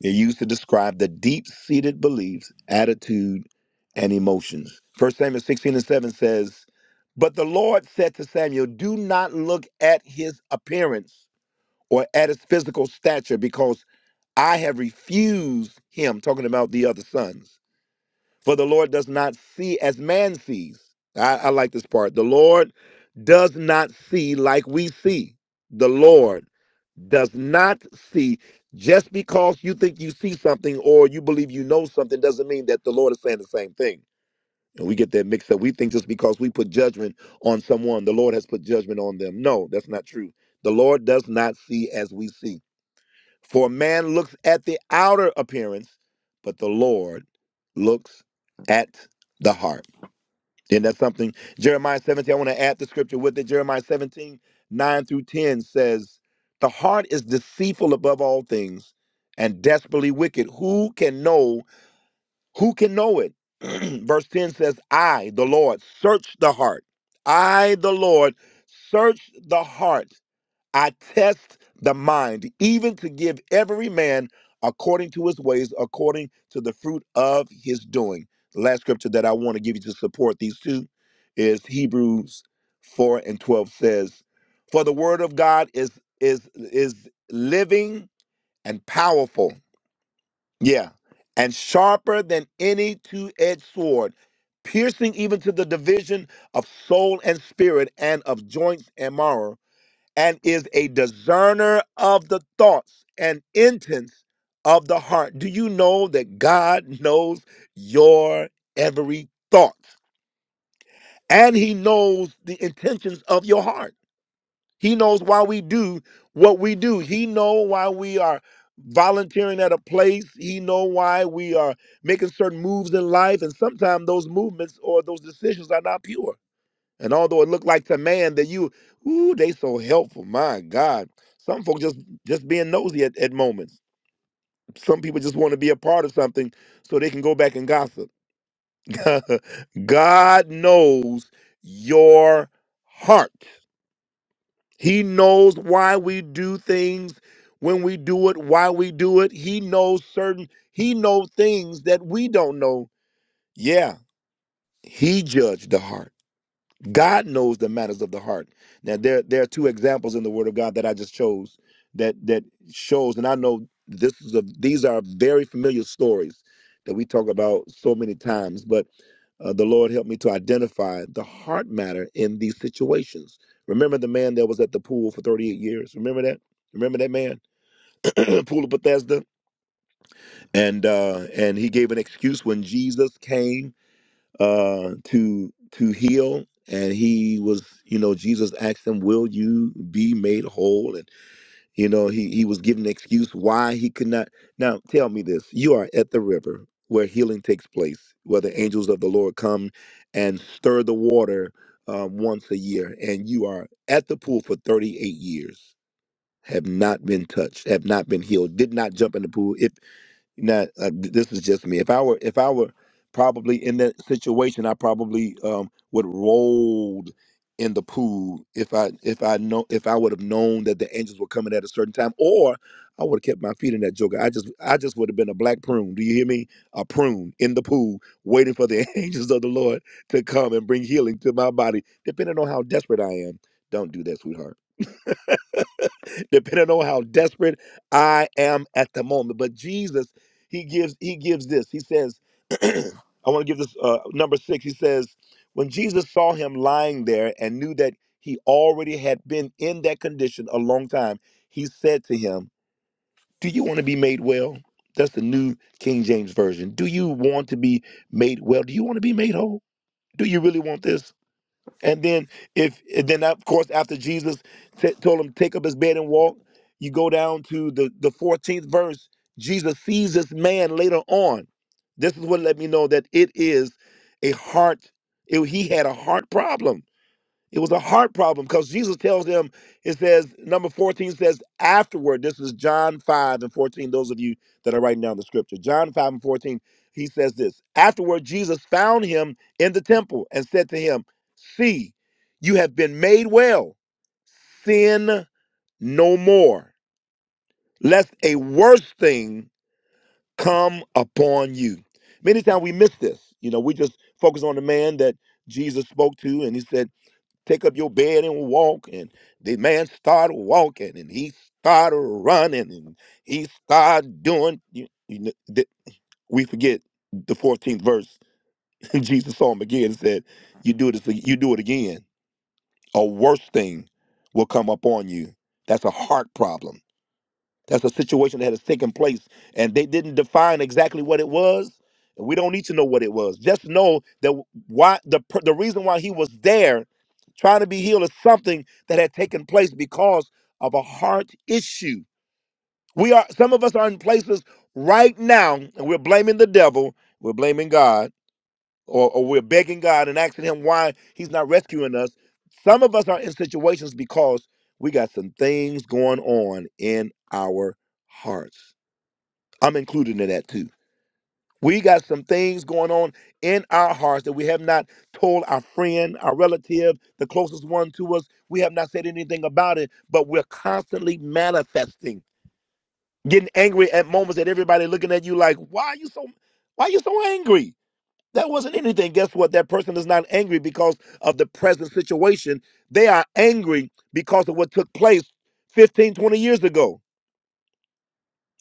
They're used to describe the deep seated beliefs, attitude, and emotions. First Samuel 16 and 7 says, But the Lord said to Samuel, Do not look at his appearance or at his physical stature, because I have refused him, talking about the other sons. For the Lord does not see as man sees. I, I like this part. The Lord does not see like we see. The Lord does not see. Just because you think you see something or you believe you know something doesn't mean that the Lord is saying the same thing. And we get that mixed up. We think just because we put judgment on someone, the Lord has put judgment on them. No, that's not true. The Lord does not see as we see. For man looks at the outer appearance, but the Lord looks at the heart. Isn't that something? Jeremiah 17, I want to add the scripture with it. Jeremiah 17:9 through 10 says, The heart is deceitful above all things and desperately wicked. Who can know? Who can know it? Verse 10 says, I, the Lord, search the heart. I, the Lord, search the heart I test the mind, even to give every man according to his ways, according to the fruit of his doing. The last scripture that I want to give you to support these two is Hebrews 4 and 12 says, For the word of God is is is living and powerful. Yeah. And sharper than any two-edged sword, piercing even to the division of soul and spirit and of joints and marrow and is a discerner of the thoughts and intents of the heart. Do you know that God knows your every thought? And he knows the intentions of your heart. He knows why we do what we do. He know why we are volunteering at a place. He know why we are making certain moves in life and sometimes those movements or those decisions are not pure. And although it looked like to man that you, ooh, they so helpful. My God. Some folks just just being nosy at, at moments. Some people just want to be a part of something so they can go back and gossip. God knows your heart. He knows why we do things when we do it, why we do it. He knows certain, he knows things that we don't know. Yeah, he judged the heart. God knows the matters of the heart. Now there there are two examples in the Word of God that I just chose that that shows, and I know this is a these are very familiar stories that we talk about so many times, but uh, the Lord helped me to identify the heart matter in these situations. Remember the man that was at the pool for 38 years. Remember that. Remember that man, pool of Bethesda, and uh, and he gave an excuse when Jesus came uh, to to heal. And he was, you know, Jesus asked him, "Will you be made whole?" And you know, he he was given an excuse why he could not. Now, tell me this: you are at the river where healing takes place, where the angels of the Lord come and stir the water uh, once a year, and you are at the pool for thirty-eight years, have not been touched, have not been healed, did not jump in the pool. It not uh, th- this is just me. If I were if I were probably in that situation, I probably um, would rolled in the pool if I if I know if I would have known that the angels were coming at a certain time, or I would have kept my feet in that joker. I just I just would have been a black prune. Do you hear me? A prune in the pool, waiting for the angels of the Lord to come and bring healing to my body, depending on how desperate I am. Don't do that, sweetheart. depending on how desperate I am at the moment. But Jesus, he gives he gives this. He says, I want to give this uh, number six. He says, when Jesus saw him lying there and knew that he already had been in that condition a long time, he said to him, "Do you want to be made well?" That's the New King James Version. Do you want to be made well? Do you want to be made whole? Do you really want this? And then if and then of course after Jesus t- told him take up his bed and walk, you go down to the the 14th verse. Jesus sees this man later on. This is what let me know that it is a heart. it- he had a heart problem. It was a heart problem because Jesus tells them, it says, number 14 says, afterward, this is John 5 and 14, those of you that are writing down the scripture. John 5 and 14, he says this Afterward, Jesus found him in the temple and said to him, See, you have been made well. Sin no more, lest a worse thing come upon you. Many times we miss this. You know, we just focus on the man that Jesus spoke to and he said, take up your bed and walk. And the man started walking and he started running and he started doing. You, you, kn- th- we forget the 14th verse. Jesus saw him again and said, You do this, you do it again. A worse thing will come upon you. That's a heart problem. That's a situation that has taken place, and they didn't define exactly what it was. And we don't need to know what it was. Just know that why the per- the reason why he was there, trying to be healed, is something that had taken place because of a heart issue. We are some of us are in places right now, and we're blaming the devil. We're blaming God or, or we're begging God and asking Him why He's not rescuing us. Some of us are in situations because we got some things going on in our hearts. I'm included in that too. We got some things going on in our hearts that we have not told our friend, our relative, the closest one to us. We have not said anything about it, but we're constantly manifesting, getting angry at moments that everybody looking at you like, why are you so why are you so angry? That wasn't anything. Guess what? That person is not angry because of the present situation. They are angry because of what took place 15, 20 years ago.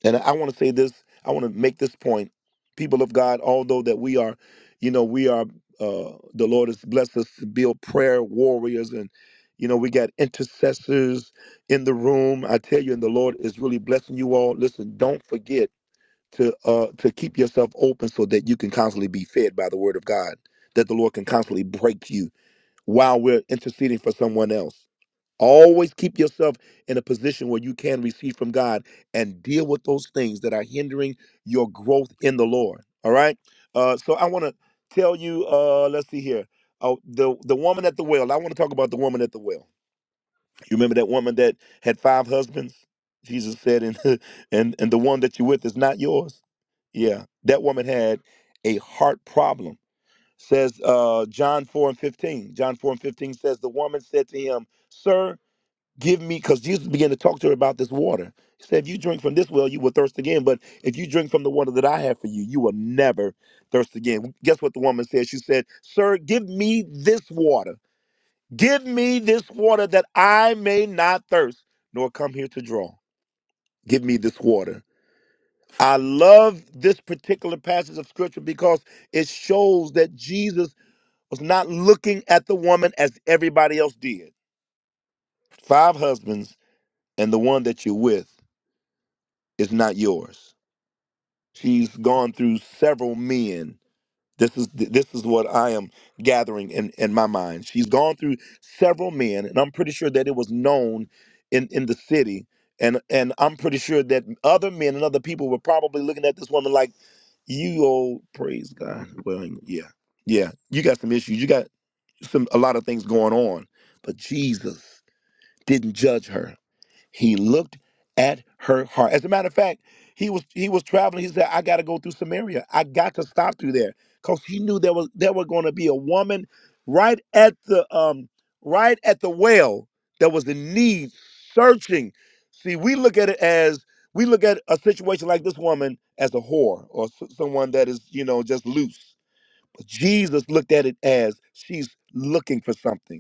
And I want to say this, I want to make this point. People of God, although that we are, you know, we are, uh, the Lord has blessed us to build prayer warriors and, you know, we got intercessors in the room. I tell you, and the Lord is really blessing you all. Listen, don't forget to uh to keep yourself open so that you can constantly be fed by the word of God, that the Lord can constantly break you while we're interceding for someone else. Always keep yourself in a position where you can receive from God and deal with those things that are hindering your growth in the Lord. All right. Uh, so I want to tell you. Uh, let's see here. Oh, the the woman at the well. I want to talk about the woman at the well you remember that woman that had five husbands? Jesus said, and and and the one that you're with is not yours. Yeah, that woman had a heart problem. Says uh, John 4 and 15. John 4 and 15 says, The woman said to him, Sir, give me, because Jesus began to talk to her about this water. He said, If you drink from this well, you will thirst again. But if you drink from the water that I have for you, you will never thirst again. Guess what the woman said? She said, Sir, give me this water Give me this water that I may not thirst, nor come here to draw. Give me this water. I love this particular passage of scripture because it shows that Jesus was not looking at the woman as everybody else did. Five husbands, and the one that you're with is not yours. She's gone through several men This is this is what I am gathering in in my mind. She's gone through several men, and I'm pretty sure that it was known in in the city. And and I'm pretty sure that other men and other people were probably looking at this woman like you old praise God. Well, yeah, yeah, you got some issues. You got some a lot of things going on, but Jesus didn't judge her. He looked at her heart. As a matter of fact, he was he was traveling. He said, "I got to go through Samaria. I got to stop through there," because he knew there was there were going to be a woman right at the um right at the well that was in need, searching. See, we look at it as we look at a situation like this woman as a whore or s- someone that is you know just loose. But Jesus looked at it as she's looking for something.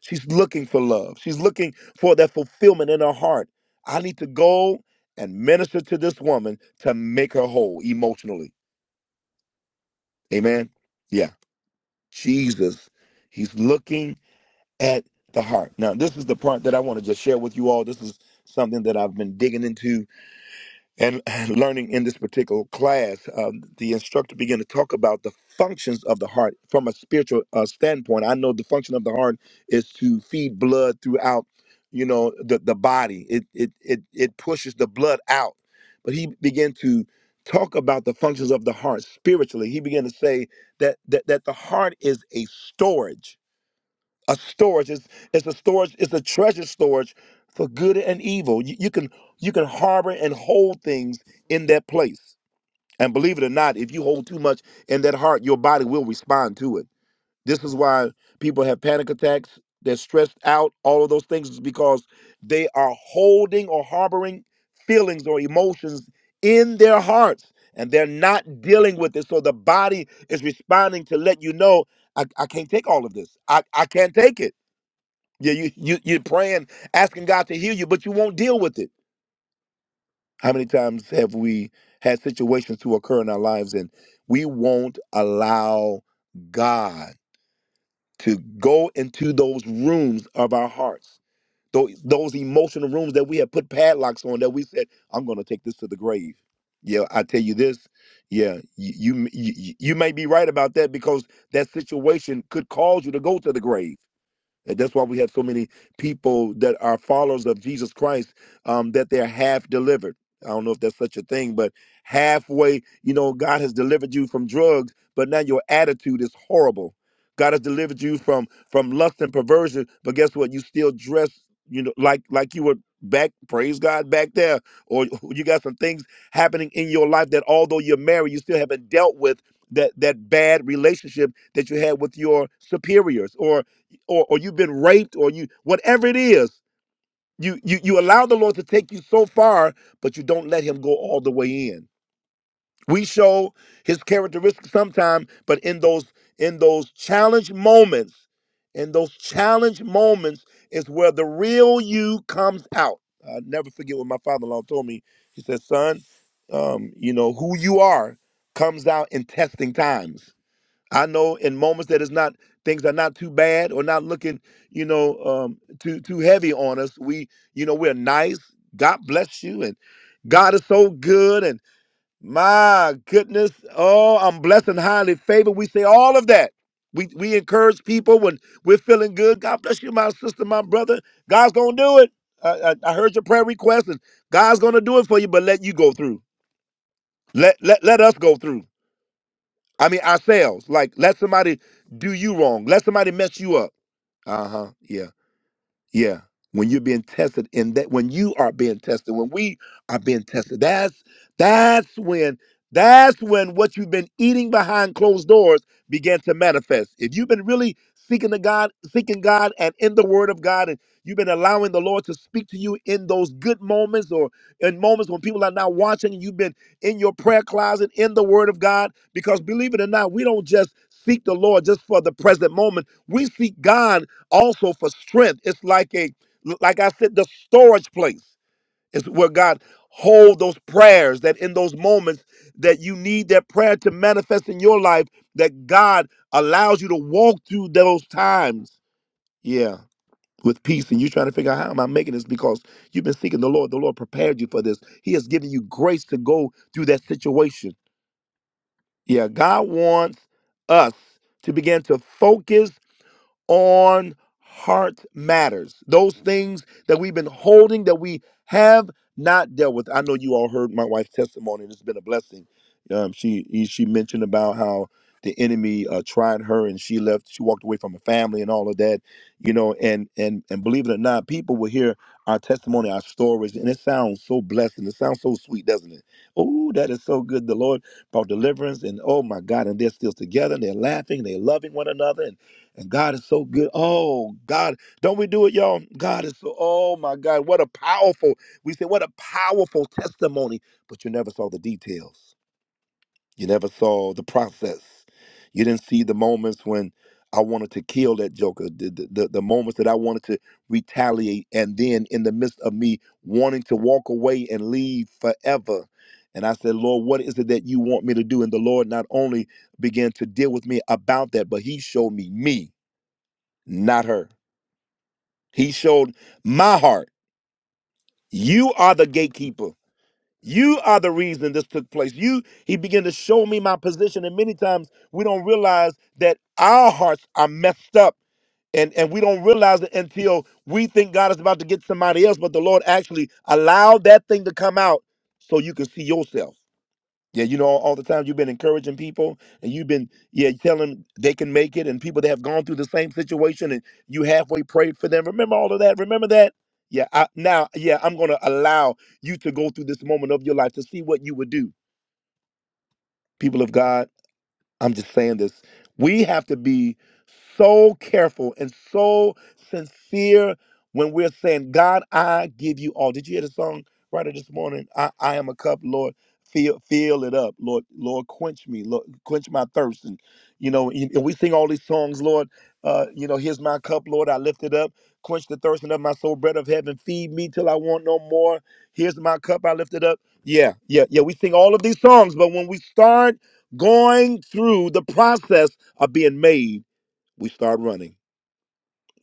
She's looking for love. She's looking for that fulfillment in her heart. I need to go and minister to this woman to make her whole emotionally. Amen. Yeah. Jesus, he's looking at the heart. Now, this is the part that I want to just share with you all. This is something that I've been digging into and learning in this particular class, um, the instructor began to talk about the functions of the heart from a spiritual uh, standpoint. I know the function of the heart is to feed blood throughout, you know, the, the body. It, it it it pushes the blood out. But he began to talk about the functions of the heart spiritually. He began to say that that, that the heart is a storage a storage. It's it's a storage. It's a treasure storage for good and evil. You, you can you can harbor and hold things in that place. And believe it or not, if you hold too much in that heart, your body will respond to it. This is why people have panic attacks. They're stressed out. All of those things is because they are holding or harboring feelings or emotions in their hearts, and they're not dealing with it. So the body is responding to let you know, I, I can't take all of this. I, I can't take it. Yeah, you, you you're praying, asking God to heal you, but you won't deal with it. How many times have we had situations to occur in our lives and we won't allow God to go into those rooms of our hearts, those, those emotional rooms that we have put padlocks on that we said, I'm going to take this to the grave. Yeah, I tell you this. Yeah, you, you you you may be right about that because that situation could cause you to go to the grave and that's why we have so many people that are followers of Jesus Christ um, that they're half delivered. I don't know if that's such a thing, but halfway, you know, God has delivered you from drugs, but now your attitude is horrible. God has delivered you from from lust and perversion, but guess what? You still dress, you know, like like you were back. Praise God, back there, or you got some things happening in your life that although you're married, you still haven't dealt with that that bad relationship that you had with your superiors, or or, or you've been raped or you whatever it is you, you you allow the lord to take you so far but you don't let him go all the way in we show his characteristics sometime but in those in those challenge moments in those challenge moments is where the real you comes out i never forget what my father-in-law told me he said son um, you know who you are comes out in testing times I know in moments that it's not things are not too bad or not looking, you know, um, too too heavy on us. We, you know, we're nice. God bless you, and God is so good. And my goodness, oh, I'm blessed and highly favored. We say all of that. We we encourage people when we're feeling good. God bless you, my sister, my brother. God's gonna do it. I, I, I heard your prayer request, and God's gonna do it for you. But let you go through. Let let let us go through. I mean ourselves. Like let somebody do you wrong. Let somebody mess you up. Uh-huh. Yeah. Yeah. When you're being tested in that when you are being tested, when we are being tested, that's that's when that's when what you've been eating behind closed doors began to manifest. If you've been really seeking the God, seeking God and in the word of God and you've been allowing the Lord to speak to you in those good moments or in moments when people are not watching and you've been in your prayer closet in the word of God because believe it or not, we don't just seek the Lord just for the present moment. We seek God also for strength. It's like a, like I said, the storage place is where God hold those prayers that in those moments that you need that prayer to manifest in your life, that God allows you to walk through those times. Yeah. With peace, and you're trying to figure out how am I making this because you've been seeking the Lord. The Lord prepared you for this. He has given you grace to go through that situation. Yeah, God wants us to begin to focus on heart matters. Those things that we've been holding that we have not dealt with. I know you all heard my wife's testimony, and it's been a blessing. Um, she she mentioned about how the enemy uh, tried her, and she left. She walked away from her family and all of that, you know. And and and believe it or not, people will hear our testimony, our stories, and it sounds so blessed and it sounds so sweet, doesn't it? Oh, that is so good. The Lord brought deliverance, and oh my God, and they're still together, and they're laughing, and they're loving one another, and and God is so good. Oh, God. Don't we do it, y'all? God is so, oh my God. What a powerful, we say, what a powerful testimony. But you never saw the details. You never saw the process. You didn't see the moments when I wanted to kill that joker, the, the, the the moments that I wanted to retaliate. And then in the midst of me wanting to walk away and leave forever. And I said, Lord, what is it that you want me to do? And the Lord not only began to deal with me about that, but he showed me me not her. He showed my heart. You are the gatekeeper. You are the reason this took place. You he began to show me my position and many times we don't realize that our hearts are messed up and and we don't realize it until we think God is about to get somebody else but the Lord actually allowed that thing to come out so you can see yourself. Yeah, you know, all, all the time you've been encouraging people and you've been, yeah, telling 'em they can make it and people that have gone through the same situation and you halfway prayed for them. Remember all of that? Remember that? Yeah, I, now, yeah, I'm going to allow you to go through this moment of your life to see what you would do, people of God. I'm just saying this. We have to be so careful and so sincere when we're saying, God, I give you all. Did you hear the song writer this morning? I, I am a cup, Lord. Fill, fill it up, Lord. Lord, quench me, Lord, quench my thirst. And you know, and we sing all these songs, Lord. Uh, you know, here's my cup, Lord. I lift it up, quench the thirsting of my soul, bread of heaven, feed me till I want no more. Here's my cup, I lift it up. Yeah, yeah, yeah. We sing all of these songs, but when we start going through the process of being made, we start running.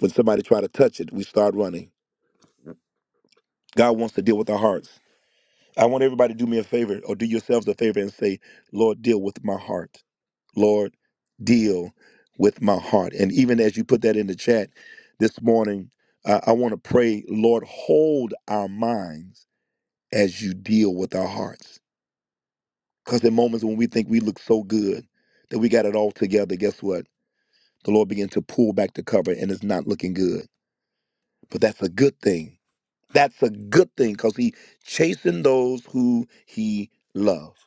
When somebody try to touch it, we start running. God wants to deal with our hearts. I want everybody to do me a favor or do yourselves a favor and say, Lord, deal with my heart. Lord, deal with my heart. And even as you put that in the chat this morning, uh, I want to pray, Lord, hold our minds as you deal with our hearts. Because in moments when we think we look so good that we got it all together, guess what? the Lord began to pull back the cover and it's not looking good. But that's a good thing. That's a good thing because he chasing those who he loves.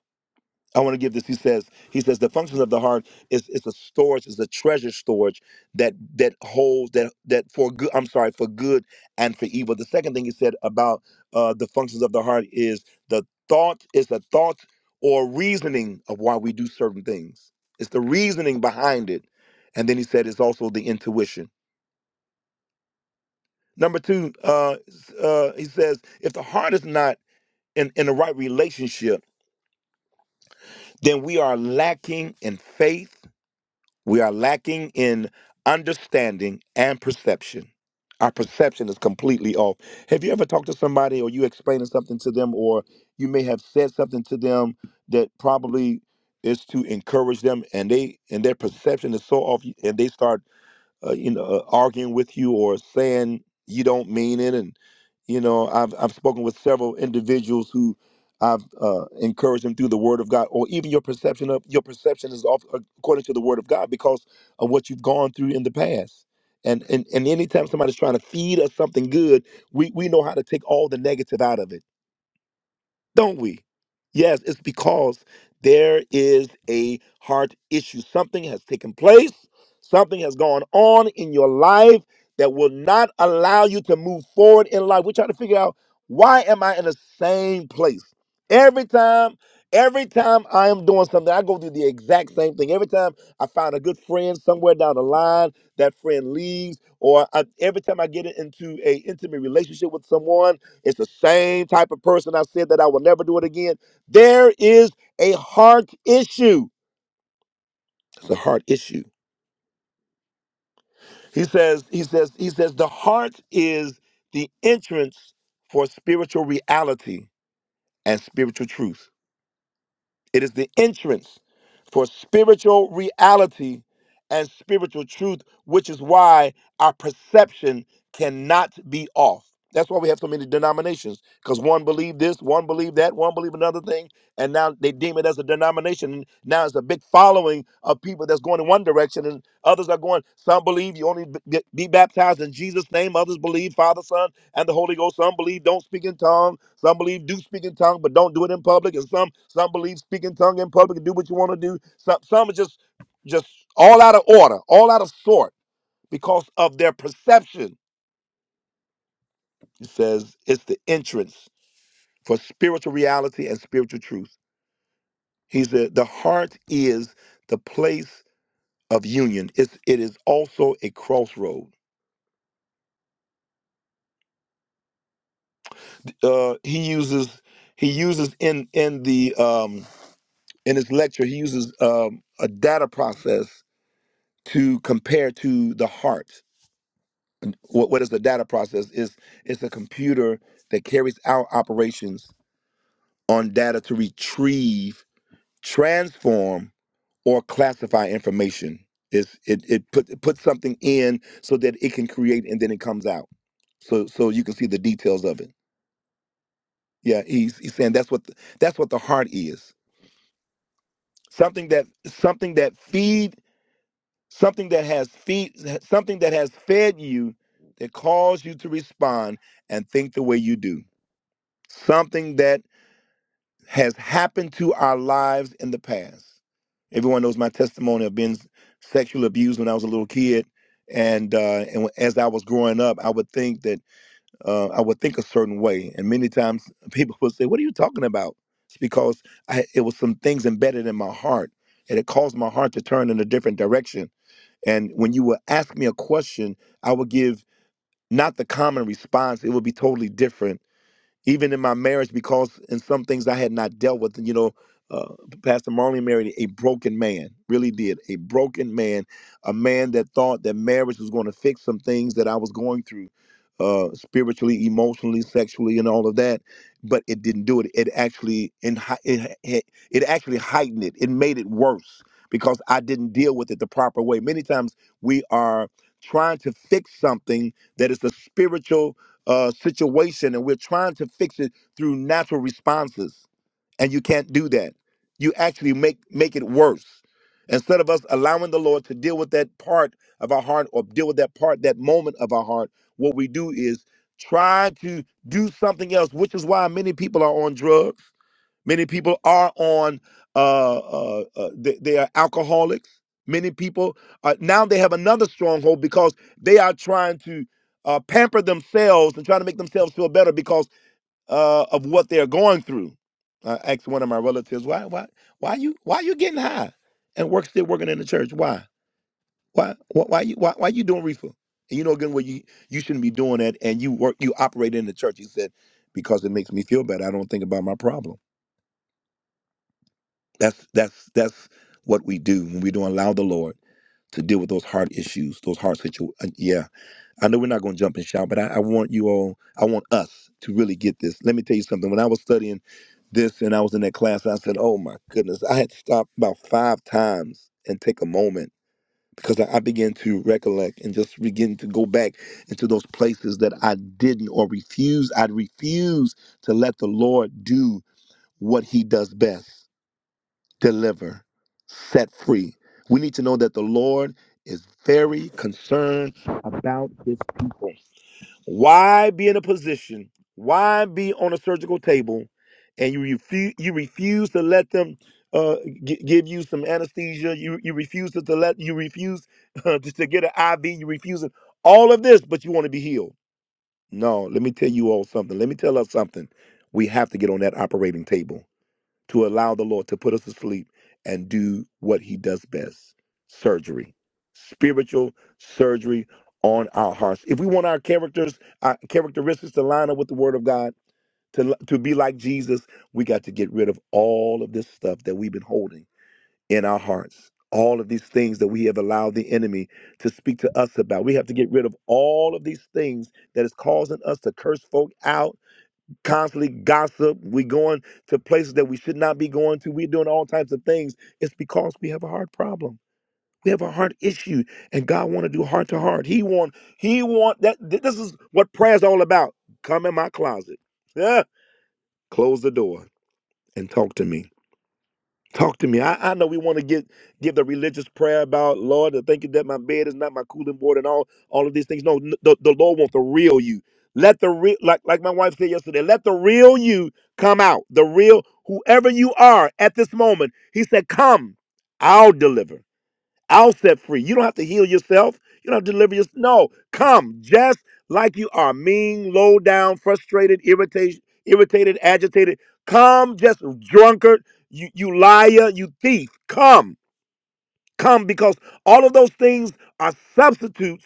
I want to give this. He says, he says the functions of the heart is it's a storage, is a treasure storage that that holds that that for good I'm sorry, for good and for evil. The second thing he said about uh the functions of the heart is the thought is the thought or reasoning of why we do certain things. It's the reasoning behind it. And then he said it's also the intuition. Number two, uh, uh, he says, if the heart is not in, in the right relationship, then we are lacking in faith, we are lacking in understanding and perception. Our perception is completely off. Have you ever talked to somebody or you explaining something to them, or you may have said something to them that probably is to encourage them and they and their perception is so off and they start uh, you know, uh, arguing with you or saying you don't mean it. And you know, I've I've spoken with several individuals who I've uh, encouraged them through the Word of God, or even your perception of your perception is off uh, according to the Word of God because of what you've gone through in the past. And and and anytime somebody's trying to feed us something good, we we know how to take all the negative out of it don't we? Yes, it's because there is a heart issue. Something has taken place, something has gone on in your life that will not allow you to move forward in life. We're trying to figure out why am I in the same place? Every time, every time I am doing something, I go through the exact same thing. Every time I find a good friend somewhere down the line, that friend leaves, or I, every time I get into a intimate relationship with someone, it's the same type of person I said that I will never do it again. There is a heart issue. It's a heart issue. He says, he says, he says, the heart is the entrance for spiritual reality and spiritual truth. It is the entrance for spiritual reality and spiritual truth, which is why our perception cannot be off. That's why we have so many denominations, because one believed this, one believed that, one believed another thing, and now they deem it as a denomination. And Now it's a big following of people that's going in one direction, and others are going. Some believe you only b- be baptized in Jesus' name. Others believe Father, Son and the Holy Ghost. Some believe don't speak in tongue. Some believe do speak in tongue, but don't do it in public. And some some believe speak in tongue in public and do what you want to do. Some some are just just all out of order, all out of sort because of their perception. He says it's the entrance for spiritual reality and spiritual truth. He said the heart is the place of union. It's it is also a crossroad. Uh, he uses he uses in in the um, in his lecture, he uses um, a data process to compare to the heart. What, what is the data process? Is it's a computer that carries out operations on data to retrieve, transform, or classify information. It's, it it put it puts something in so that it can create and then it comes out. So so you can see the details of it. Yeah, he's he's saying that's what the, that's what the heart is. Something that something that feed. something that has feed something that has fed you that caused you to respond and think the way you do something that has happened to our lives in the past everyone knows my testimony of being sexually abused when i was a little kid and uh, and as I was growing up, I would think that uh, I would think a certain way, and many times people would say, "What are you talking about?" It's because I, it was some things embedded in my heart, and it caused my heart to turn in a different direction and when you would ask me a question, I would give not the common response, it would be totally different even in my marriage because in some things I had not dealt with. You know, uh, Pastor Marley married a broken man, really did a broken man, a man that thought that marriage was going to fix some things that I was going through. Uh, spiritually, emotionally, sexually, and all of that, but it didn't do it. It actually and it, it it actually heightened it. It made it worse because I didn't deal with it the proper way. Many times we are trying to fix something that is a spiritual uh, situation and we're trying to fix it through natural responses and you can't do that you actually make make it worse instead of us allowing the lord to deal with that part of our heart or deal with that part that moment of our heart what we do is try to do something else which is why many people are on drugs Many people are on, uh, uh, uh, they, they are alcoholics. Many people, uh, now they have another stronghold because they are trying to uh, pamper themselves and trying to make themselves feel better because uh, of what they're going through. I asked one of my relatives, why, why, why you, why you getting high and work still working in the church? Why, why, why, why you, why, why you doing reefer? And you know, again, what you, you shouldn't be doing that. And you work, you operate in the church. He said, because it makes me feel better. I don't think about my problem. That's that's that's what we do when we don't allow the Lord to deal with those heart issues, those heart situations. Yeah, I know we're not going to jump and shout, but I, I want you all, I want us to really get this. Let me tell you something. When I was studying this and I was in that class, I said, "Oh my goodness!" I had to stop about five times and take a moment because I, I began to recollect and just begin to go back into those places that I didn't or refused. I'd refuse to let the Lord do what He does best deliver, set free. We need to know that the Lord is very concerned about his people. Why be in a position? Why be on a surgical table and you refuse you refuse to let them uh, g- give you some anesthesia. You you refuse to, to let you refuse uh, to, to get an IV. You refuse it. all of this, but you want to be healed. No, let me tell you all something. Let me tell us something. We have to get on that operating table to allow the Lord to put us to sleep and do what he does best surgery, spiritual surgery on our hearts. If we want our characters, our characteristics to line up with the word of God, to, to be like Jesus, we got to get rid of all of this stuff that we've been holding in our hearts. All of these things that we have allowed the enemy to speak to us about. We have to get rid of all of these things that is causing us to curse folk out, constantly gossip. We're going to places that we should not be going to. We're doing all types of things. It's because we have a heart problem. We have a heart issue, and God want to do heart to heart. He want He want that. th- This is what prayer is all about. Come in my closet. Yeah. Close the door and talk to me. Talk to me. I, I know we want to get give the religious prayer about Lord, I thinking that my bed is not my cooling board and all all of these things. No, n- the, the Lord wants the real you. Let the real like like my wife said yesterday, let the real you come out. The real whoever you are at this moment. He said, Come, I'll deliver. I'll set free. You don't have to heal yourself. You don't have to deliver yourself. No, come just like you are mean, low down, frustrated, irritated, irritated, agitated. Come just drunkard, you, you liar, you thief. Come, come because all of those things are substitutes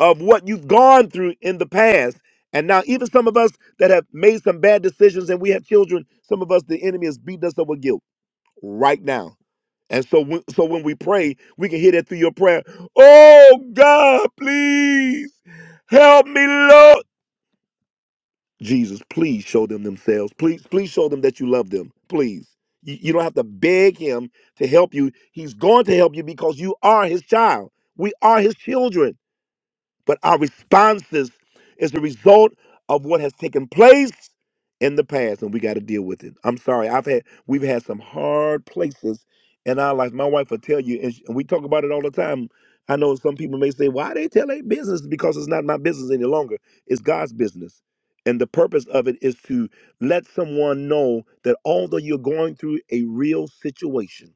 of what you've gone through in the past. And now, even some of us that have made some bad decisions and we have children, some of us, the enemy has beating us up with guilt right now and so when, so when we pray, we can hear that through your prayer. Oh God, please help me, Lord. Jesus, please show them themselves. Please, please show them that you love them. Please. You, you don't have to beg him to help you. He's going to help you because you are his child. We are his children but our responses is the result of what has taken place in the past and we got to deal with it i'm sorry i've had we've had some hard places in our life my wife will tell you and, sh- and we talk about it all the time i know some people may say why they tell their business because it's not my business any longer it's god's business and the purpose of it is to let someone know that although you're going through a real situation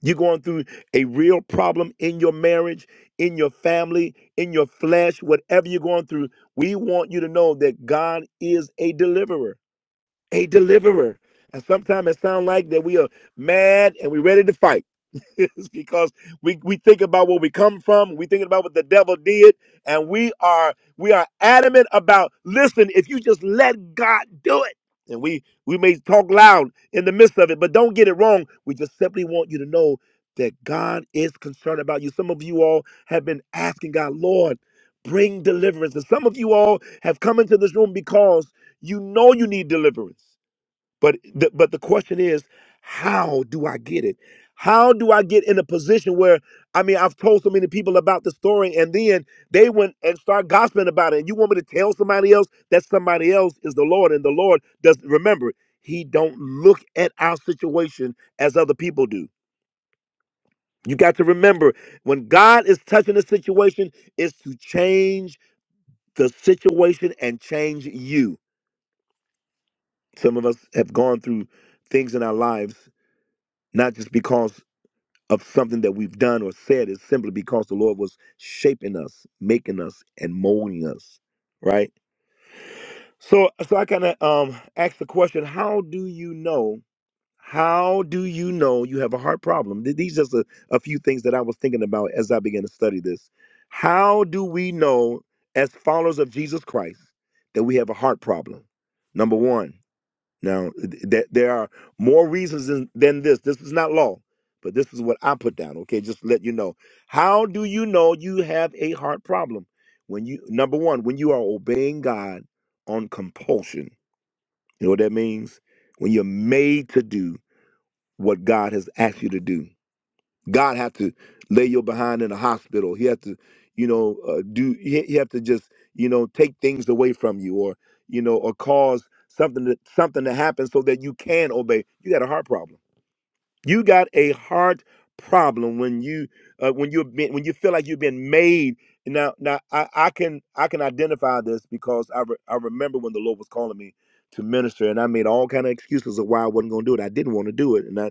you're going through a real problem in your marriage, in your family, in your flesh, whatever you're going through. We want you to know that God is a deliverer a deliverer. And sometimes it sounds like that we are mad and we're ready to fight. it's because we, we think about where we come from, we thinking about what the devil did, and we are we are adamant about listen, if you just let God do it. And we we may talk loud in the midst of it, but don't get it wrong. We just simply want you to know that God is concerned about you. Some of you all have been asking God, Lord, bring deliverance. And some of you all have come into this room because you know you need deliverance. But the, but the question is, how do I get it? How do I get in a position where I mean I've told so many people about the story and then they went and start gossiping about it. And you want me to tell somebody else that somebody else is the Lord and the Lord does remember, he don't look at our situation as other people do. You got to remember when God is touching a situation, it's to change the situation and change you. Some of us have gone through things in our lives, not just because of something that we've done or said, it's simply because the Lord was shaping us, making us, and molding us, right? So, so I kind of um, asked the question: How do you know? How do you know you have a heart problem? Th- These just a, a few things that I was thinking about as I began to study this. How do we know, as followers of Jesus Christ, that we have a heart problem? Number one. Now, th- there are more reasons than, than this. This is not law, but this is what I put down. Okay, just to let you know. How do you know you have a heart problem? When you number one, when you are obeying God on compulsion, you know what that means? When you're made to do what God has asked you to do. God had to lay your behind in the hospital. He had to, you know, uh, do. He, he had to just, you know, take things away from you, or you know, or cause something to, something to happen so that you can obey. You got a heart problem. You got a heart problem when you uh, when you're being, when you feel like you've been made. Now, now I, I can I can identify this because I re- I remember when the Lord was calling me to minister, and I made all kind of excuses of why I wasn't going to do it. I didn't want to do it, and I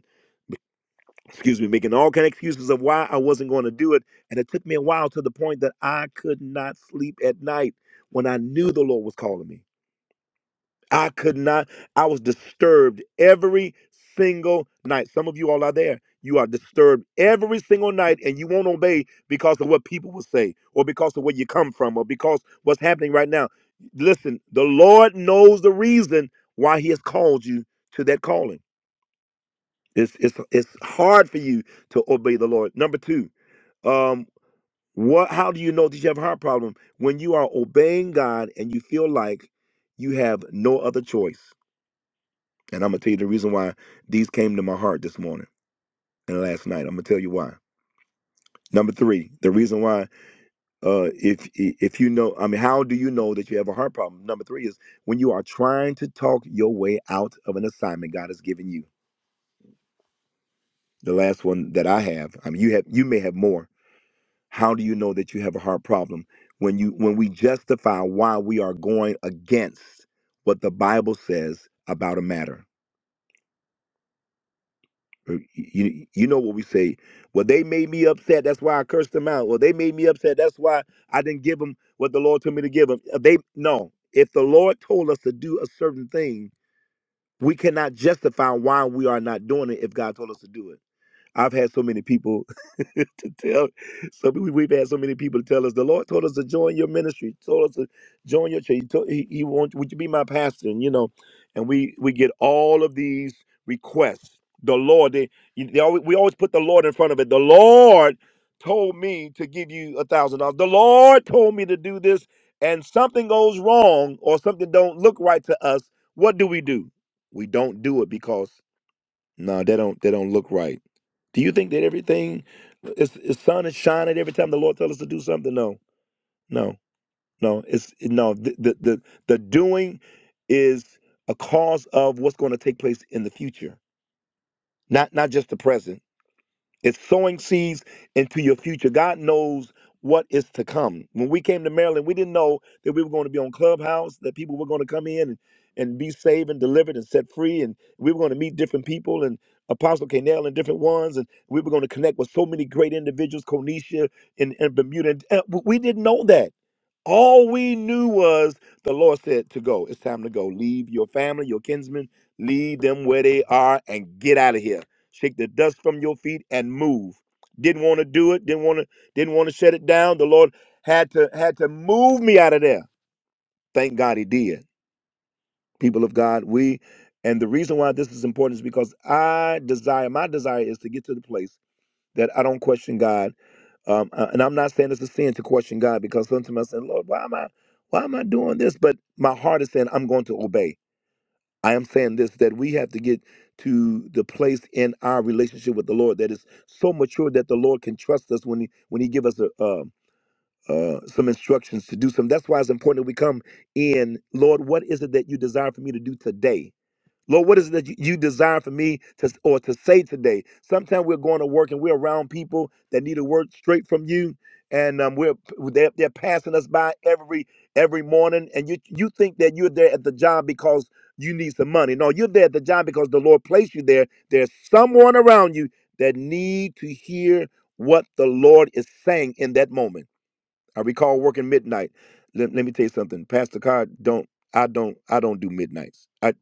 excuse me, making all kind of excuses of why I wasn't going to do it. And it took me a while to the point that I could not sleep at night when I knew the Lord was calling me. I could not, I was disturbed every single night. Some of you all are there. You are disturbed every single night and you won't obey because of what people will say or because of where you come from or because what's happening right now. Listen, the Lord knows the reason why he has called you to that calling. It's, it's, it's hard for you to obey the Lord. Number two, um what how do you know that you have a heart problem when you are obeying god and you feel like you have no other choice and i'm gonna tell you the reason why these came to my heart this morning and last night i'm gonna tell you why number three the reason why uh if if you know i mean how do you know that you have a heart problem number three is when you are trying to talk your way out of an assignment god has given you the last one that i have i mean you have you may have more How do you know that you have a heart problem? When you when we justify why we are going against what the Bible says about a matter. Uh, You, you know what we say. Well, they made me upset. That's why I cursed them out. Well, they made me upset. That's why I didn't give them what the Lord told me to give them. They no. If the Lord told us to do a certain thing, we cannot justify why we are not doing it if God told us to do it. I've had so many people to tell. So we- we've had so many people tell us the Lord told us to join your ministry, told us to join your church. He, told, he, he wants would you be my pastor? And you know, and we we get all of these requests. The Lord, they, they always, we always put the Lord in front of it. The Lord told me to give you a thousand dollars. The Lord told me to do this, and something goes wrong or something don't look right to us. What do we do? We don't do it because no, they don't. They don't look right. Do you think that everything is, is sun is shining every time the Lord tells us to do something? No, no, no. It's no. The the the, the doing is a cause of what's going to take place in the future, not not just the present. It's sowing seeds into your future. God knows what is to come. When we came to Maryland, we didn't know that we were going to be on Clubhouse, that people were going to come in and, and be saved and delivered and set free. And we were going to meet different people and Apostle Canell and different ones. And we were going to connect with so many great individuals, Cornelia and, and Bermuda. And, uh, we didn't know that. All we knew was the Lord said to go. It's time to go. Leave your family, your kinsmen, leave them where they are and get out of here. Shake the dust from your feet and move. Didn't want to do it, didn't want to didn't want to shut it down. The Lord had to had to move me out of there. Thank God he did. People of God, we and the reason why this is important is because I desire my desire is to get to the place that I don't question God um, uh, and I'm not saying it's a sin to question God because sometimes I say, Lord, why am I, why am I doing this? But my heart is saying I'm going to obey. I am saying this that we have to get to the place in our relationship with the Lord that is so mature that the Lord can trust us when He when He give us a, uh, uh, some instructions to do something. That's why it's important that we come in, Lord. What is it that you desire for me to do today? Lord, what is it that you you desire for me to or to say today? Sometimes we're going to work and we're around people that need a word straight from you, and um, we're they're, they're passing us by every every morning, and you you think that you're there at the job because you need some money. No, you're there at the job because the Lord placed you there. There's someone around you that need to hear what the Lord is saying in that moment. I recall working midnight. Let, let me tell you something, Pastor Card. Don't I don't I don't do midnights. I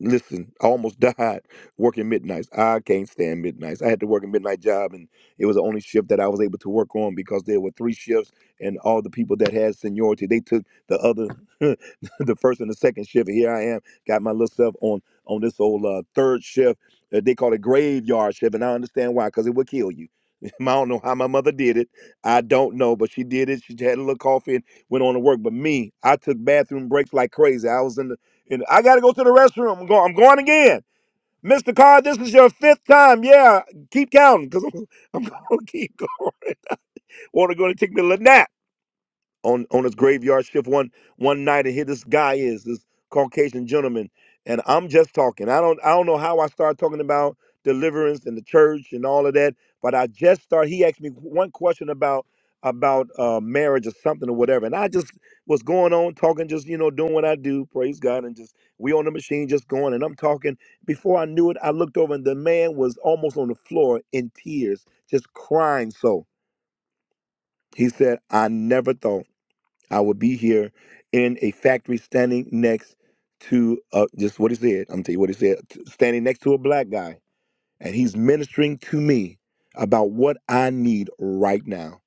listen, I almost died working midnights. I can't stand midnights. I had to work a midnight job, and it was the only shift that I was able to work on because there were three shifts, and all the people that had seniority they took the other, the first and the second shift. And here I am, got my little self on on this old uh, third shift. Uh, they call it graveyard shift, and I understand why, because it would kill you. I don't know how my mother did it. I don't know, but she did it. She had a little coffee and went on to work. But me, I took bathroom breaks like crazy. I was in the and I gotta go to the restroom. I'm going. I'm going again, Mister Carr. This is your fifth time. Yeah, keep counting because I'm, I'm gonna keep going. Want to go and take me a little nap on on his graveyard shift one one night and here this guy is this caucasian gentleman and i'm just talking i don't i don't know how i started talking about deliverance and the church and all of that but i just started he asked me one question about about uh marriage or something or whatever and i just was going on talking just you know doing what i do praise god and just we on the machine just going and i'm talking before i knew it i looked over and the man was almost on the floor in tears just crying so he said i never thought I would be here in a factory standing next to uh, just what he said. I'm gonna tell you what he said. Standing next to a black guy, and he's ministering to me about what I need right now.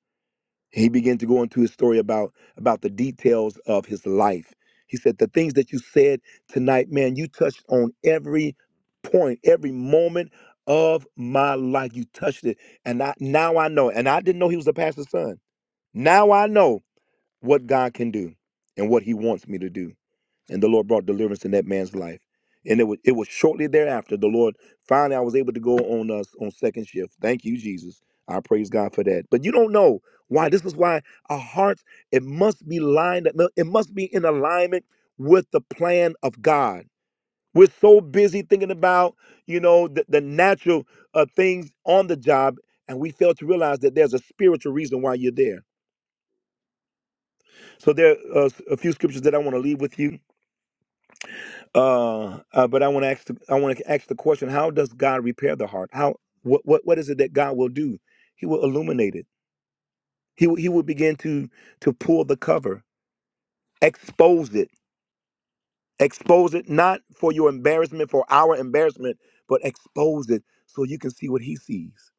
He began to go into his story about about the details of his life. He said, "The things that you said tonight, man, you touched on every point, every moment." of my life you touched it and I now I know and I didn't know he was a pastor's son now I know what God can do and what He wants me to do. And the Lord brought deliverance in that man's life. And it was it was shortly thereafter the Lord finally I was able to go on us on second shift. Thank you, Jesus. I praise God for that. But you don't know why. This is why our hearts it must be lined up. It must be in alignment with the plan of God. We're so busy thinking about you know the, the natural uh, things on the job, and we fail to realize that there's a spiritual reason why you're there so there are a few scriptures that I want to leave with you, uh, uh, but I want to ask the, I want to ask the question: How does God repair the heart? How what what what is it that God will do? He will illuminate it. He will, he will begin to to pull the cover, expose it, expose it not for your embarrassment, for our embarrassment, but expose it so you can see what He sees.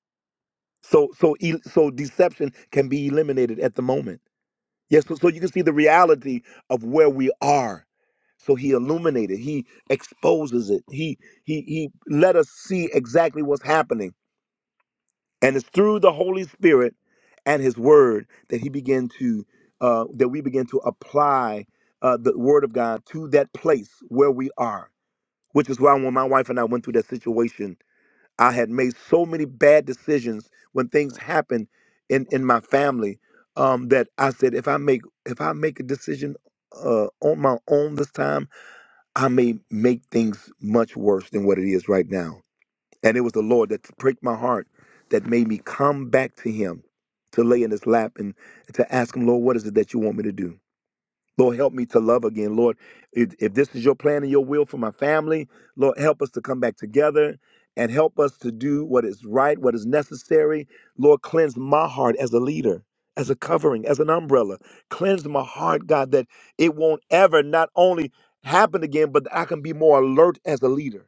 So so e- so deception can be eliminated at the moment Yes, so, so you can see the reality of where we are. So he illuminated, he exposes it, he he he let us see exactly what's happening. And it's through the Holy Spirit and his word that he began to uh, that we begin to apply uh, the word of God to that place where we are, which is why when my wife and I went through that situation I had made so many bad decisions when things happened in in my family um, that I said if I make if I make a decision uh, on my own this time, I may make things much worse than what it is right now. And it was the Lord that pricked my heart that made me come back to Him to lay in His lap and to ask Him, Lord, what is it that you want me to do? Lord, help me to love again. Lord, if, if this is your plan and your will for my family, Lord, help us to come back together and help us to do what is right, what is necessary. Lord, cleanse my heart as a leader, as a covering, as an umbrella. Cleanse my heart, God, that it won't ever not only happen again, but that I can be more alert as a leader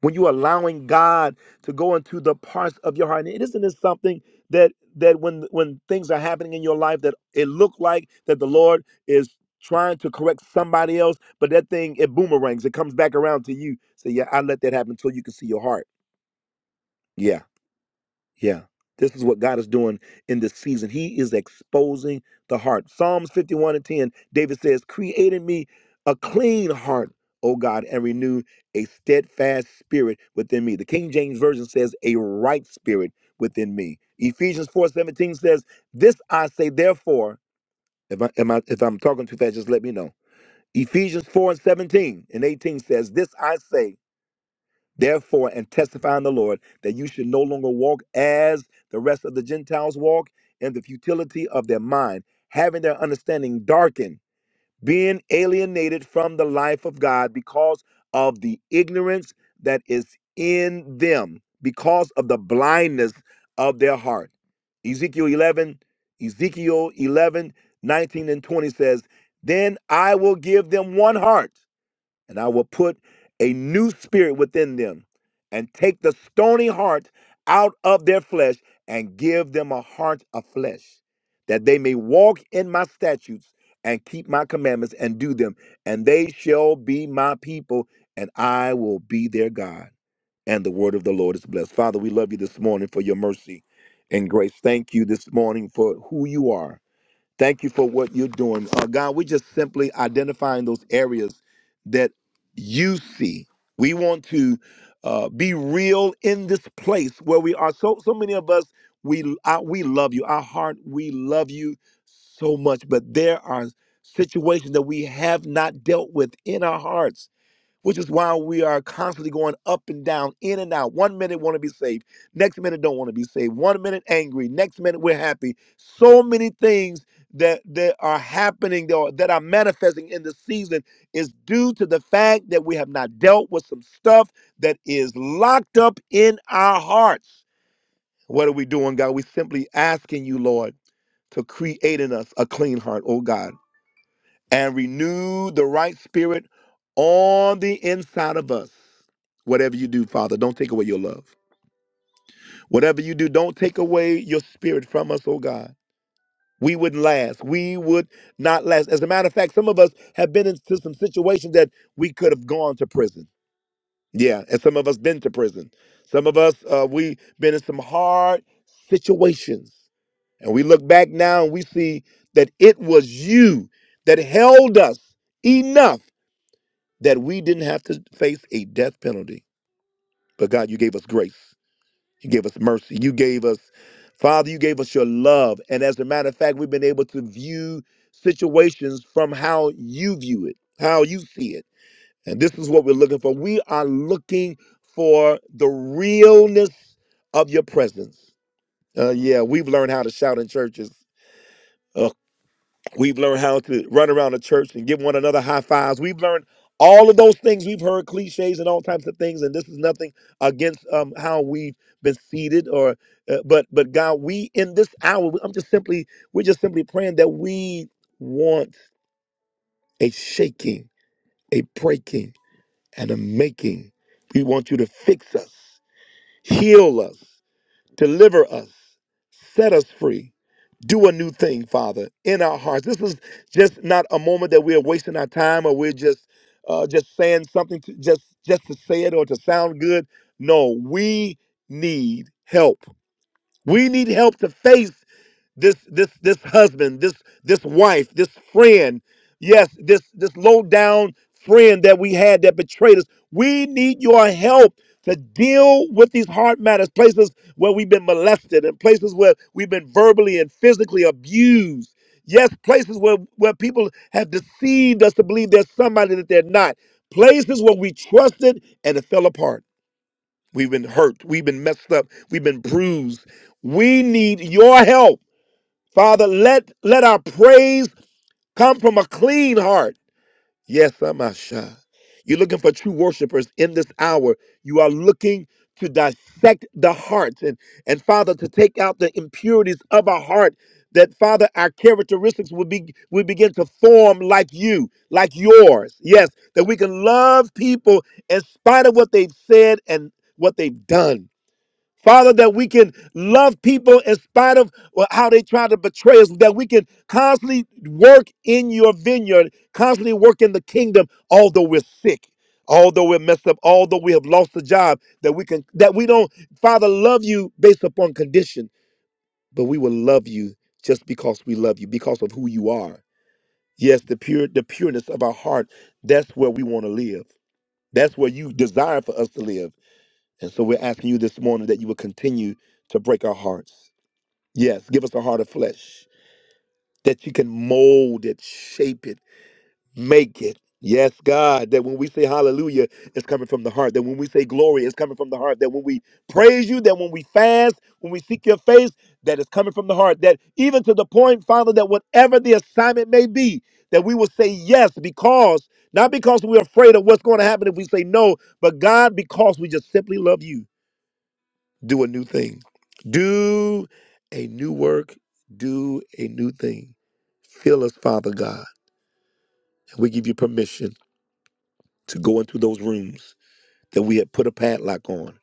when you're allowing God to go into the parts of your heart. And it isn't this something that that when when things are happening in your life that it look like that the Lord is trying to correct somebody else, but that thing it boomerangs, it comes back around to you. So yeah, I let that happen until you can see your heart. Yeah. Yeah. This is what God is doing in this season. He is exposing the heart. Psalms 51 and 10, David says, Create in me a clean heart, O God, and renew a steadfast spirit within me. The King James Version says, A right spirit within me. Ephesians 4:17 says, This I say, therefore, if, I, am I, if I'm talking too fast, just let me know. Ephesians 4 and 17 and 18 says, This I say. Therefore, and testify in the Lord that you should no longer walk as the rest of the Gentiles walk in the futility of their mind, having their understanding darkened, being alienated from the life of God because of the ignorance that is in them, because of the blindness of their heart. Ezekiel 11, Ezekiel 11:19 and 20 says, Then I will give them one heart and I will put a new spirit within them and take the stony heart out of their flesh and give them a heart of flesh that they may walk in my statutes and keep my commandments and do them and they shall be my people and I will be their God and the word of the Lord is blessed father we love you this morning for your mercy and grace thank you this morning for who you are Thank you for what you're doing. Uh, God, we're just simply identifying those areas that you see. We want to uh, be real in this place where we are. So, so many of us, we I, we love you. Our heart, we love you so much. But there are situations that we have not dealt with in our hearts which is why we are constantly going up and down, in and out. One minute want to be saved, next minute don't want to be saved. One minute angry, next minute we're happy. So many things that that are happening that are, that are manifesting in the season is due to the fact that we have not dealt with some stuff that is locked up in our hearts. What are we doing, God? we simply asking you, Lord, to create in us a clean heart, oh God and renew the right spirit on the inside of us. Whatever you do, Father, don't take away your love. Whatever you do, don't take away your spirit from us, oh God. We wouldn't last. We would not last. As a matter of fact, some of us have been into some situations that we could have gone to prison. Yeah, and some of us been to prison. Some of us, uh, we been in some hard situations. And we look back now and we see that it was you that held us enough that we didn't have to face a death penalty. But God, you gave us grace. You gave us mercy. You gave us, Father, you gave us your love. And as a matter of fact, we've been able to view situations from how you view it, how you see it. And this is what we're looking for. We are looking for the realness of your presence. Uh, yeah, we've learned how to shout in churches. Ugh, We've learned how to run around the church and give one another high fives. We've learned all of those things. We've heard cliches and all types of things, and this is nothing against um, how we've been seated. Or, uh, but but God, we in this hour, I'm just simply we're just simply praying that we want a shaking, a breaking, and a making. We want you to fix us, heal us. Deliver us, set us free. Do a new thing, Father, in our hearts. This is just not a moment that we are wasting our time or we're just uh, just saying something to, just just to say it or to sound good. No, we need help. We need help to face this this this husband, this this wife, this friend, yes, this this low down friend that we had that betrayed us. We need your help to deal with these hard matters, places where we've been molested and places where we've been verbally and physically abused. Yes, places where, where people have deceived us to believe there's somebody that they're not. Places where we trusted and it fell apart. We've been hurt. We've been messed up. We've been bruised. We need your help Father, let, let our praise come from a clean heart. Yes, Amasha, You're looking for true worshipers in this hour. You are looking to dissect the hearts and, and Father, to take out the impurities of our heart, that Father, our characteristics will be will begin to form like you, like yours. Yes, that we can love people in spite of what they've said and what they've done. Father, that we can love people in spite of well, how they try to betray us, that we can constantly work in your vineyard, constantly work in the kingdom, although we're sick, although we're messed up, although we have lost a job, that we can that we don't, Father, love you based upon condition, but we will love you just because we love you, because of who you are. Yes, the pure the pureness of our heart, that's where we want to live. That's where you desire for us to live. And so we're asking you this morning that you will continue to break our hearts. Yes, give us a heart of flesh that you can mold it, shape it, make it. Yes, God, that when we say hallelujah, it's coming from the heart. That when we say glory, it's coming from the heart. That when we praise you, that when we fast, when we seek your face, that it's coming from the heart. That even to the point, Father, that whatever the assignment may be, that we will say yes because, not because we're afraid of what's going to happen if we say no, but God, because we just simply love you do a new thing. Do a new work. Do a new thing. Fill us, Father God. And we give you permission to go into those rooms that we had put a padlock on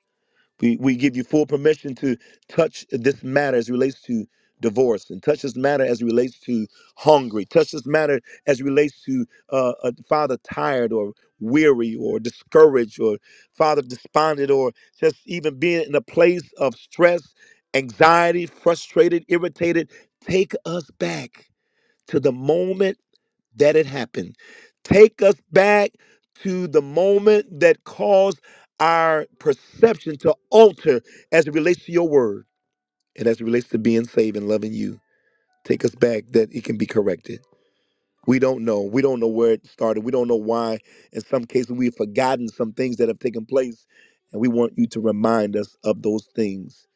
we, we give you full permission to touch this matter as it relates to divorce and touch this matter as it relates to hungry, touch this matter as it relates to uh, a father tired or weary or discouraged or father despondent or just even being in a place of stress, anxiety, frustrated, irritated. Take us back to the moment that it happened. Take us back to the moment that caused our perception to alter as it relates to your word and as it relates to being saved and loving you. Take us back that it can be corrected. We don't know. We don't know where it started. We don't know why. In some cases, we've forgotten some things that have taken place. And we want you to remind us of those things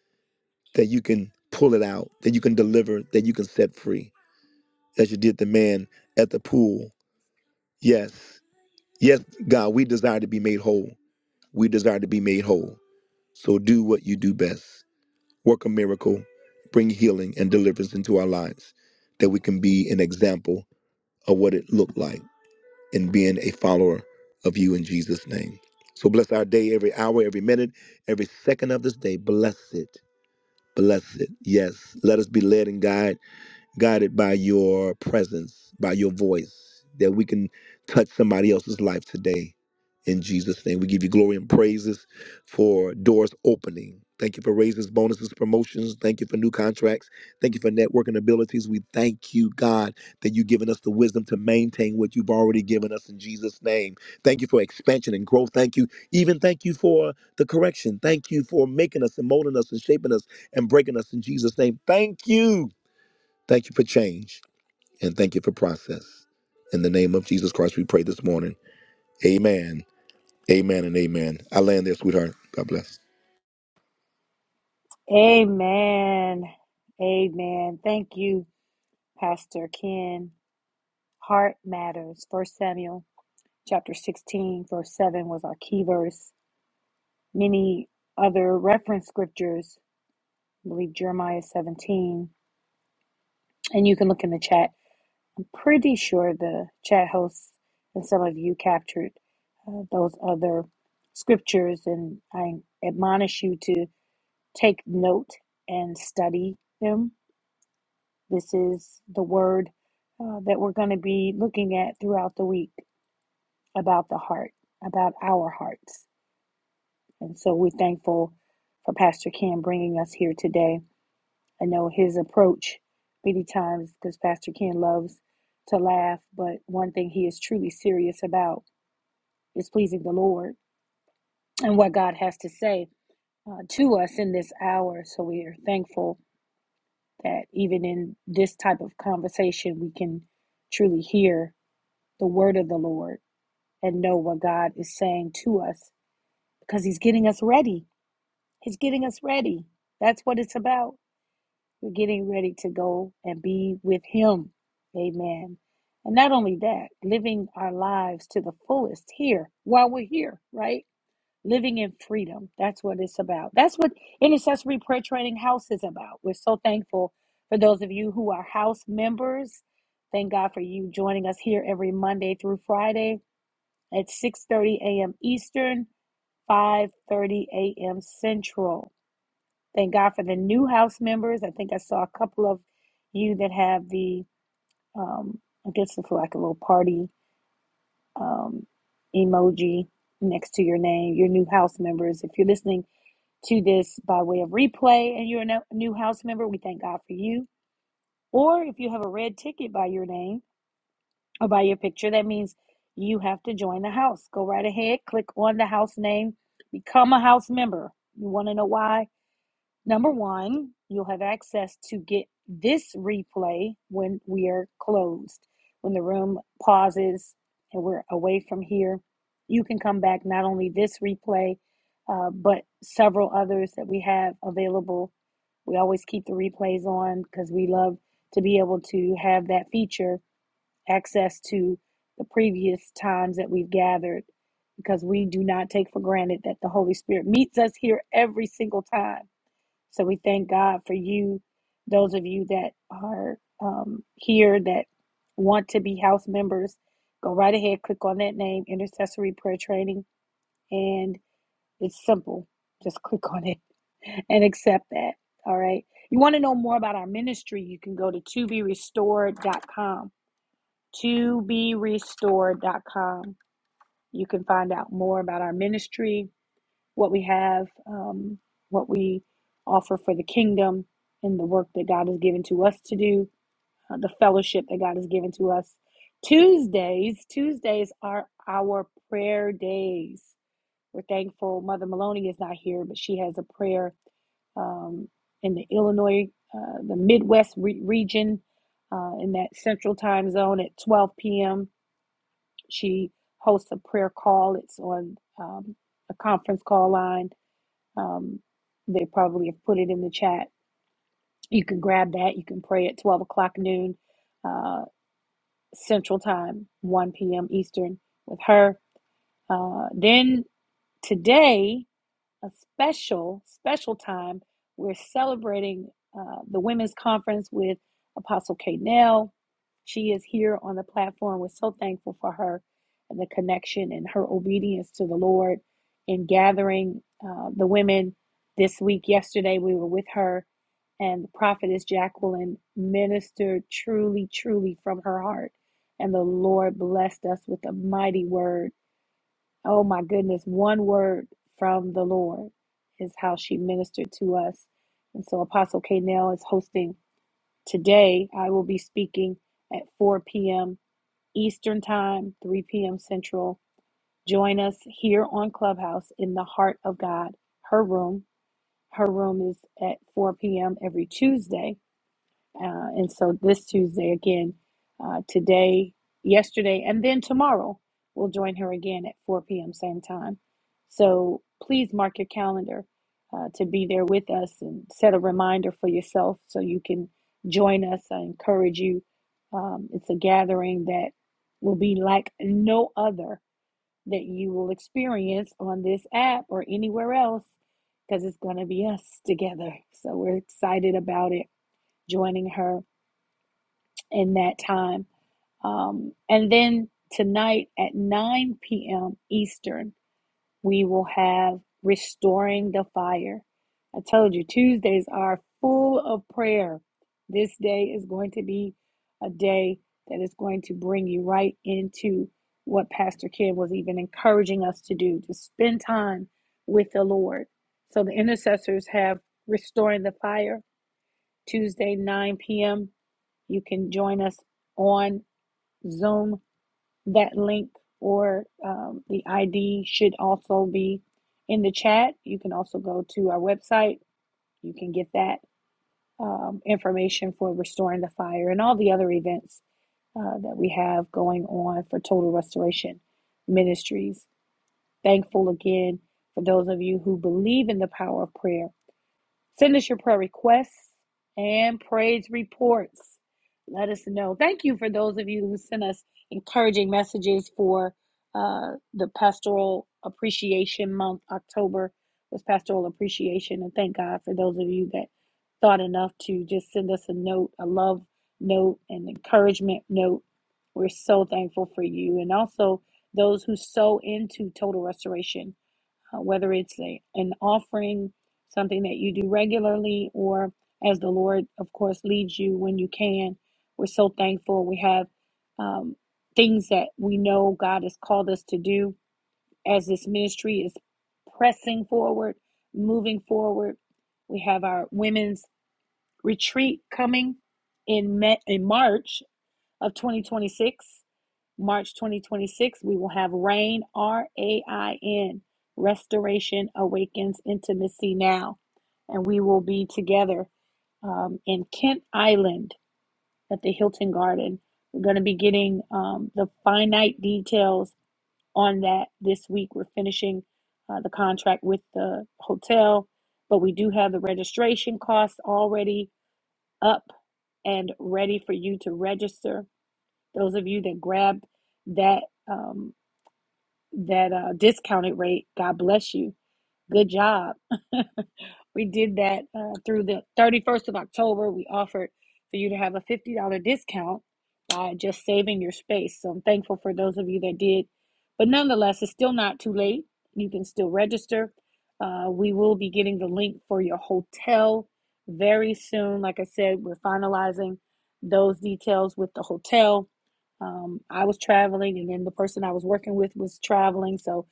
that you can pull it out, that you can deliver, that you can set free, as you did the man at the pool. Yes Yes, God, we desire to be made whole. We desire to be made whole. So do what you do best work a miracle, bring healing and deliverance into our lives, that we can be an example of what it looked like in being a follower of you in Jesus' name. So bless our day, every hour, every minute, every second of this day. Bless it. Bless it. Yes. Let us be led and guided guided by your presence, by your voice, that we can touch somebody else's life today. In Jesus' name, we give you glory and praises for doors opening. Thank you for raises, bonuses, promotions. Thank you for new contracts. Thank you for networking abilities. We thank you, God, that you've given us the wisdom to maintain what you've already given us in Jesus' name. Thank you for expansion and growth. Thank you. Even thank you for the correction. Thank you for making us and molding us and shaping us and breaking us in Jesus' name. Thank you Thank you for change and thank you for process. In the name of Jesus Christ, we pray this morning. Amen. Amen and amen. I land there, sweetheart. God bless.
Amen. Amen. Thank you, Pastor Ken. Heart matters. First Samuel chapter 16, verse 7 was our key verse. Many other reference scriptures I believe Jeremiah 17, and you can look in the chat. I'm pretty sure the chat hosts and some of you captured uh, those other scriptures, and I admonish you to take note and study them. This is the word uh, that we're going to be looking throughout the week about the heart, about our hearts. And so we're thankful for Pastor Ken bringing us here today. I know his approach. because Pastor Ken loves to laugh, but one thing he is truly serious about is pleasing the Lord and what God has to say uh, to us in this hour. So we are thankful that even in this type of conversation, we can truly hear the word of the Lord and know what God is saying to us because he's getting us ready. He's getting us ready. That's what it's about. getting ready to go and be with Him. Amen. And not only that, living our lives to the fullest here while we're here, right? Living in freedom. That's what it's about. That's what Intercessory Prayer Training House is about. We're so thankful for those of you who are house members. Thank God for you joining us here every Monday through Friday at 6:30 a.m. Eastern, 5:30 a.m. Central. Thank God for the new house members. I think I saw a couple of you that have the, um, I guess it's like a little party um, emoji next to your name, your new house members. If you're listening to this by way of replay and you're a no- new house member, we thank God for you. Or if you have a red ticket by your name or by your picture, that means you have to join the house. Go right ahead, click on the house name, become a house member. You want to know why? Number one, you'll have access to get this replay when we are closed. When the room pauses and we're away from here, you can come back not only this replay, uh, but several others that we have available. We always keep the replays on because we love to be able to have that feature access to the previous times that we've gathered because we do not take for granted that the Holy Spirit meets us here every single time so we thank God for you, those of you that are um, here that want to be house members. Go right ahead, click on that name, Intercessory Prayer Training, and it's simple. Just click on it and accept that. All right. You want to know more about our ministry, you can go to restored restored dot com, to be restored dot com. You can find out more about our ministry what we have, um, what we offer for the kingdom, and the work that God has given to us to do, uh, the fellowship that God has given to us. Tuesdays, Tuesdays are our prayer days. We're thankful Mother Maloney is not here, but she has a prayer um, in the Illinois, uh, the Midwest re- region, uh, in that central time zone at 12 p.m. She hosts a prayer call. It's on um, a conference call line um, they probably have put it in the chat. You can grab that. You can pray at 12 o'clock noon uh, Central Time, 1 p.m. Eastern with her. Uh, then today, a special, special time. We're celebrating uh, the women's conference with Apostle K. Nell. She is here on the platform. We're so thankful for her and the connection and her obedience to the Lord in gathering uh, the women this week. Yesterday, we were with her, and the prophetess Jacqueline ministered truly, truly from her heart. And the Lord blessed us with a mighty word Oh my goodness, one word from the Lord is how she ministered to us. And so Apostle K. Nell is hosting today. I will be speaking at 4 p.m. Eastern Time, 3 p.m. Central. Join us here on Clubhouse in the Heart of God, her room. Her room is at 4 p.m. every Tuesday. Uh, and so this Tuesday again, uh, today, yesterday, and then tomorrow, we'll join her again at 4 p.m. same time. So please mark your calendar uh, to be there with us and set a reminder for yourself so you can join us. I encourage you. Um, it's a gathering that will be like no other that you will experience on this app or anywhere else because it's going to be us together. So we're excited about it, joining her in that time. Um, and then tonight at 9 p.m. Eastern, we will have Restoring the Fire. I told you, Tuesdays are full of prayer. This day is going to be a day that is going to bring you right into what Pastor Kim was even encouraging us to do to spend time with the Lord. So the intercessors have Restoring the Fire Tuesday, 9 p.m. You can join us on Zoom, that link or um, the ID should also be in the chat. You can also go to our website. You can get that um, information for Restoring the Fire and all the other events uh, that we have going on for Total Restoration Ministries. Thankful again for those of you who believe in the power of prayer Send us your prayer requests and praise reports. Let us know. Thank you for those of you who sent us encouraging messages for uh, the Pastoral Appreciation Month. October was Pastoral Appreciation, and thank God for those of you that thought enough to just send us a note, a love note, an encouragement note. We're so thankful for you, and also those who sow into Total Restoration uh, whether it's a, an offering, something that you do regularly, or as the Lord, of course, leads you when you can. We're so thankful. We have um, things that we know God has called us to do as this ministry is pressing forward, moving forward. We have our women's retreat coming in, May, in March of 2026, March 2026, we will have RAIN, R A I N, Restoration Awakens Intimacy Now. And we will be together um, in Kent Island at the Hilton Garden. We're going to be getting um, the finite details on that this week. We're finishing uh, the contract with the hotel, but we do have the registration costs already up and ready for you to register those of you that grabbed that um, that uh, discounted rate, God bless you. Good job. we did that uh, through the 31st of October. We offered for you to have a $50 discount by just saving your space. So I'm thankful for those of you that did. But nonetheless, it's still not too late. You can still register. Uh, we will be getting the link for your hotel very soon. Like I said, we're finalizing those details with the hotel. Um, I was traveling, and then the person I was working with was traveling. So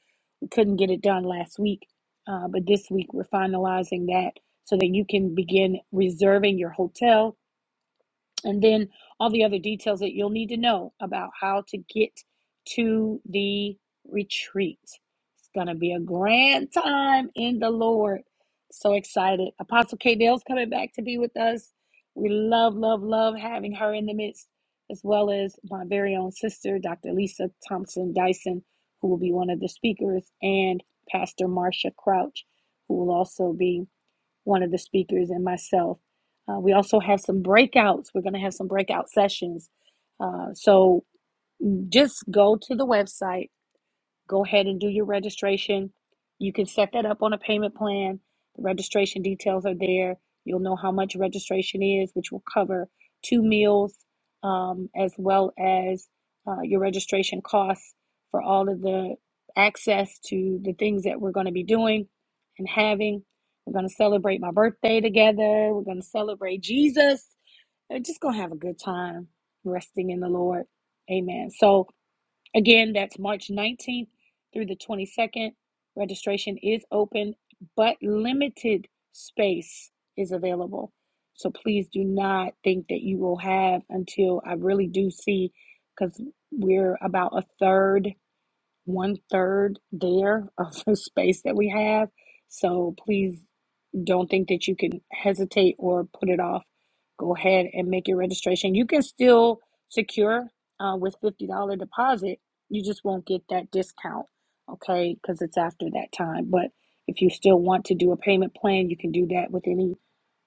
we couldn't get it done last week, uh, but this week we're finalizing that so that you can begin reserving your hotel and then all the other details that you'll need to know about how to get to the retreat. It's going to be a grand time in the Lord. So excited. Apostle K. Dale's coming back to be with us. We love, love, love having her in the midst, as well as my very own sister, Dr. Lisa Thompson Dyson, who will be one of the speakers, and Pastor Marcia Crouch, who will also be one of the speakers and myself. Uh, we also have some breakouts. We're going to have some breakout sessions. Uh, so just go to the website Go ahead and do your registration. You can set that up on a payment plan. The registration details are there. You'll know how much registration is, which will cover two meals um, as well as uh, your registration costs for all of the access to the things that we're going to be doing and having. We're going to celebrate my birthday together. We're going to celebrate Jesus. We're just going to have a good time resting in the Lord. Amen. So, Again, that's March 19th through the 22nd. Registration is open, but limited space is available. So please do not think that you will have until I really do see, because we're about a third, one third there of the space that we have. So please don't think that you can hesitate or put it off. Go ahead and make your registration. You can still secure uh, with $50 deposit. You just won't get that discount, okay? Because it's after that time. But if you still want to do a payment plan, you can do that with any,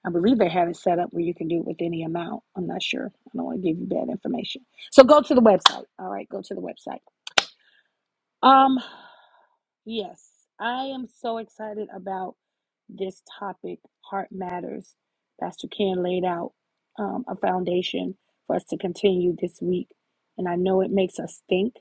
I believe they have it set up where you can do it with any amount. I'm not sure. I don't want to give you bad information. So go to the website. All right, go to the website. Um, yes, I am so excited about this topic, Heart Matters, Pastor Ken laid out um, a foundation for us to continue this week. And I know it makes us think.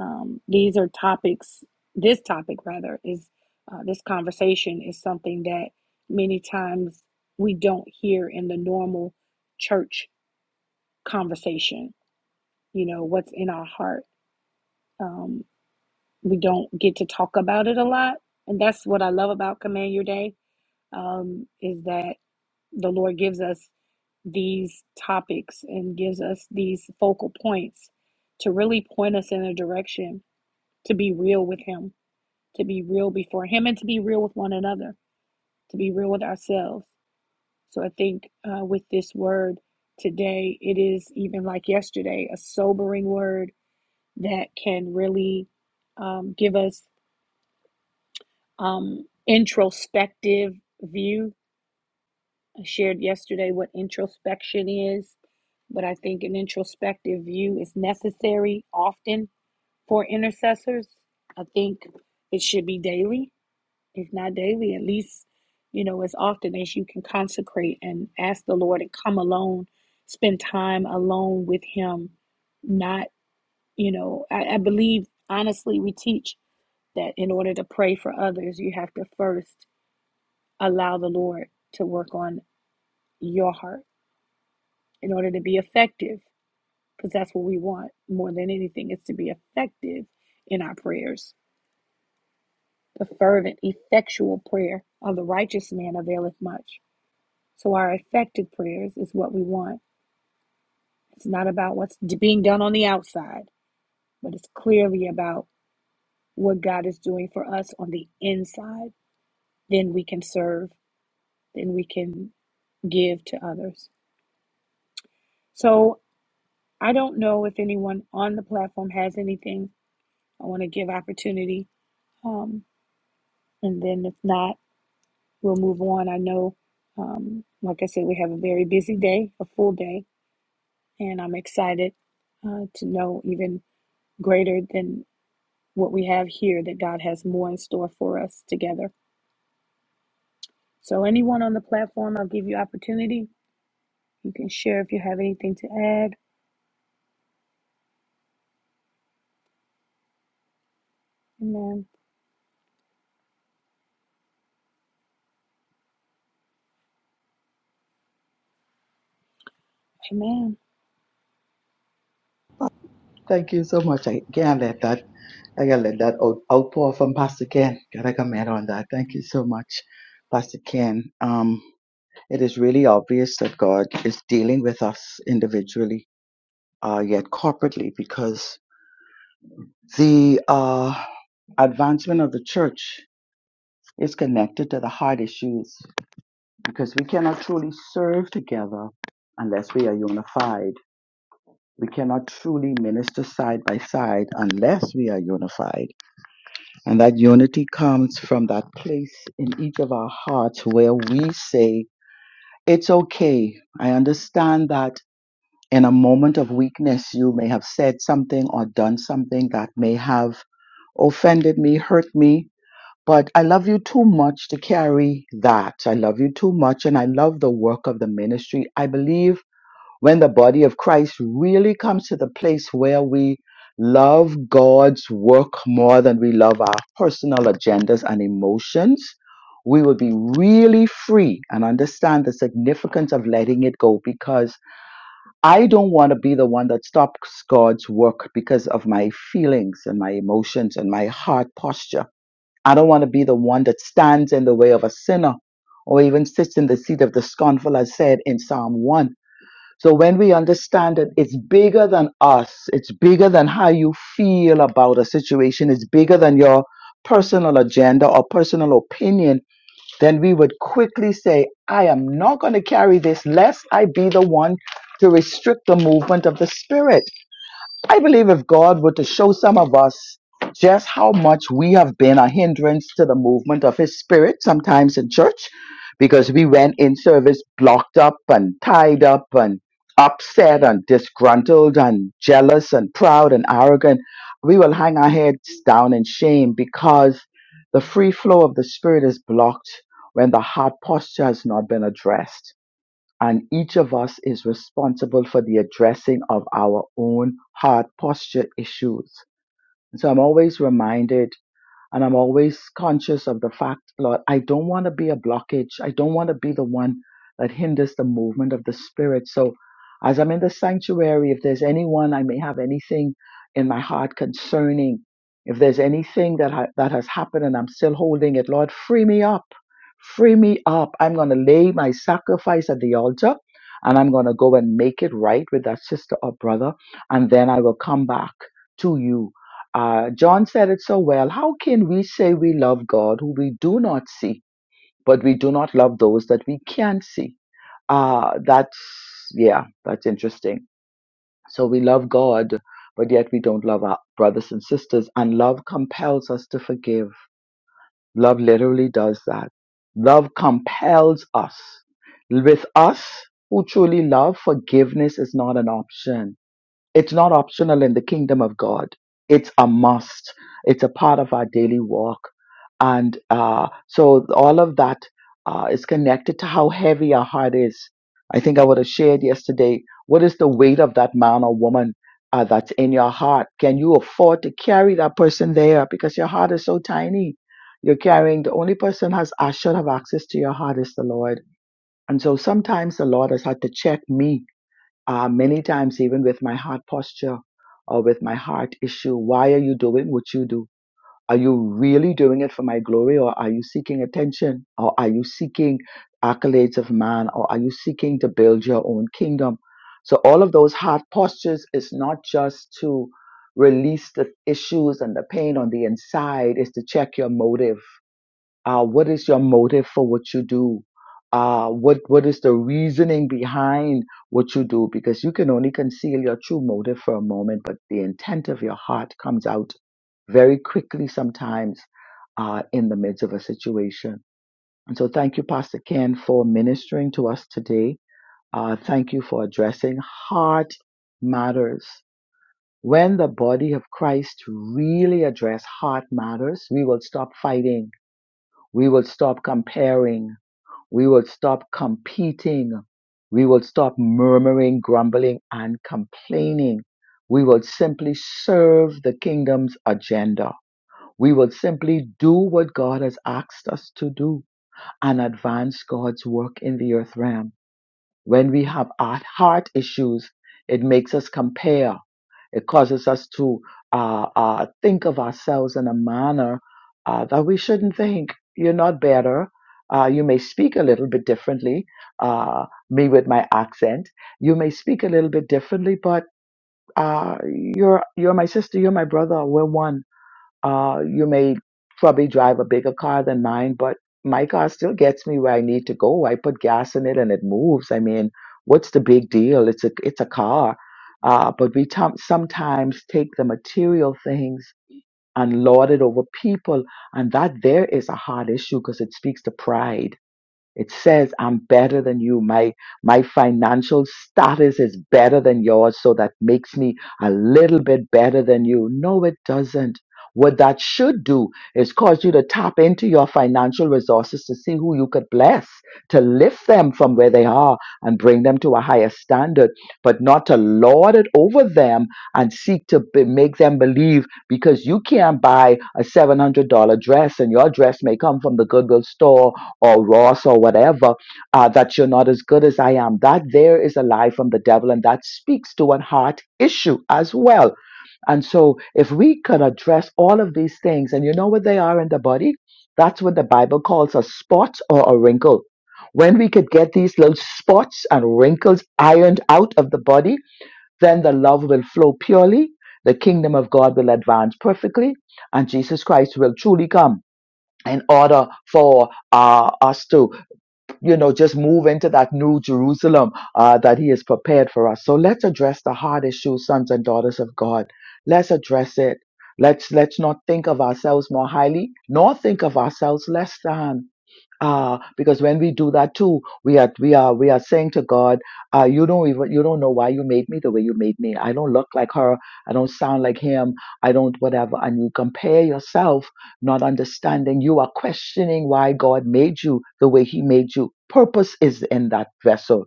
Um, these are topics, this topic rather, is uh, this conversation is something that many times we don't hear in the normal church conversation. You know, what's in our heart. Um, we don't get to talk about it a lot. And that's what I love about Command Your Day um, is that the Lord gives us these topics and gives us these focal points to really point us in a direction to be real with Him, to be real before Him, and to be real with one another, to be real with ourselves. So I think uh, with this word today, it is even like yesterday, a sobering word that can really um, give us um, introspective view I shared yesterday what introspection is, but I think an introspective view is necessary often for intercessors. I think it should be daily, if not daily, at least, you know, as often as you can consecrate and ask the Lord and come alone, spend time alone with Him. Not, you know, I, I believe, honestly, we teach that in order to pray for others, you have to first allow the Lord to work on your heart in order to be effective because that's what we want more than anything is to be effective in our prayers the fervent effectual prayer of the righteous man availeth much so our effective prayers is what we want it's not about what's being done on the outside but it's clearly about what god is doing for us on the inside then we can serve then we can give to others so i don't know if anyone on the platform has anything i want to give opportunity um, And then if not, we'll move on. I know, um, like I said, we have a very busy day, a full day, and I'm excited uh, to know even greater than what we have here that God has more in store for us together. So, anyone on the platform, I'll give you opportunity. You can share if you have anything to add. Amen. Amen.
Thank you so much. I can't let that, I gotta let that out, outpour from Pastor Ken. Gotta comment on that. Thank you so much, Pastor Ken. Um, it is really obvious that God is dealing with us individually, uh, yet corporately, because the, uh, advancement of the church Is connected to the heart issues because we cannot truly serve together unless we are unified. We cannot truly minister side by side unless we are unified. And that unity comes from that place in each of our hearts where we say, It's okay. I understand that in a moment of weakness, you may have said something or done something that may have offended me, hurt me, But I love you too much to carry that. I love you too much, and I love the work of the ministry. I believe when the body of Christ really comes to the place where we love God's work more than we love our personal agendas and emotions, we will be really free and understand the significance of letting it go because I don't want to be the one that stops God's work because of my feelings and my emotions and my heart posture. I don't want to be the one that stands in the way of a sinner or even sits in the seat of the scornful, as said in Psalm 1. So when we understand that it's bigger than us, it's bigger than how you feel about a situation, it's bigger than your personal agenda or personal opinion, then we would quickly say, I am not going to carry this lest I be the one to restrict the movement of the Spirit. I believe if God were to show some of us just how much we have been a hindrance to the movement of His Spirit, sometimes in church, because we went in service blocked up and tied up and upset and disgruntled and jealous and proud and arrogant, we will hang our heads down in shame because the free flow of the Spirit is blocked when the heart posture has not been addressed and each of us is responsible for the addressing of our own hard posture issues. So I'm always reminded and I'm always conscious of the fact, Lord, I don't want to be a blockage. I don't want to be the one that hinders the movement of the Spirit. So as I'm in the sanctuary, if there's anyone I may have anything in my heart concerning, if there's anything that, ha- that has happened and I'm still holding it, Lord, free me up. Free me up. I'm going to lay my sacrifice at the altar and I'm going to go and make it right with that sister or brother. And then I will come back to you uh, John said it so well. How can we say we love God who we do not see, but we do not love those that we can see? Uh, that's, yeah, that's interesting. So we love God, but yet we don't love our brothers and sisters. And love compels us to forgive. Love literally does that. Love compels us. With us who truly love, forgiveness is not an option it's not optional in the kingdom of God. It's a must. It's a part of our daily walk. And uh, so all of that uh, is connected to how heavy our heart is. I think I would have shared yesterday what is the weight of that man or woman uh, that's in your heart? Can you afford to carry that person there? Because your heart is so tiny. You're carrying the only person has I should have access to your heart is the Lord. And so sometimes the Lord has had to check me uh, many times even with my heart posture or with my heart issue why are you doing what you do are you really doing it for my glory or are you seeking attention or are you seeking accolades of man or are you seeking to build your own kingdom so all of those heart postures is not just to release the issues and the pain on the inside is to check your motive uh, what is your motive for what you do uh, what what is the reasoning behind what you do because you can only conceal your true motive for a moment but the intent of your heart comes out very quickly sometimes uh, in the midst of a situation and so thank you pastor ken for ministering to us today uh, thank you for addressing heart matters when the body of christ really address heart matters we will stop fighting we will stop comparing. We will stop competing. We will stop murmuring, grumbling, and complaining. We will simply serve the kingdom's agenda. We will simply do what God has asked us to do and advance God's work in the earth realm. When we have our heart issues, it makes us compare. It causes us to uh, uh, think of ourselves in a manner uh, that we shouldn't think. You're not better. Uh, you may speak a little bit differently, uh, me with my accent. You may speak a little bit differently, but uh, you're you're my sister. You're my brother. We're one uh, you may probably drive a bigger car than mine, but my car still gets me where I need to go. I put gas in it and it moves. I mean, what's the big deal? It's a it's a car. Uh, but we tom- sometimes take the material things and lord it over people, and that there is a hard issue because it speaks to pride it says, I'm better than you. My, my financial status is better than yours, so that makes me a little bit better than you. No, it doesn't. What that should do is cause you to tap into your financial resources to see who you could bless, to lift them from where they are and bring them to a higher standard, but not to lord it over them and seek to be, make them believe because you can't buy a $700 dress and your dress may come from the Goodwill store or Ross or whatever, uh, that you're not as good as I am. That there is a lie from the devil, and that speaks to a heart issue as well. And so, if we could address all of these things, and you know what they are in the body, that's what the Bible calls a spot or a wrinkle. When we could get these little spots and wrinkles ironed out of the body, then the love will flow purely, the kingdom of God will advance perfectly, and Jesus Christ will truly come in order for uh, us to you know, just move into that new Jerusalem uh, that He has prepared for us. So let's address the heart issue, sons and daughters of God. Let's address it. Let's let's not think of ourselves more highly, nor think of ourselves less than uh, because when we do that too, we are we are we are saying to God, uh, you don't even you don't know why you made me the way you made me. I don't look like her. I don't sound like him. I don't whatever. And you compare yourself, not understanding. You are questioning why God made you the way He made you. Purpose is in that vessel.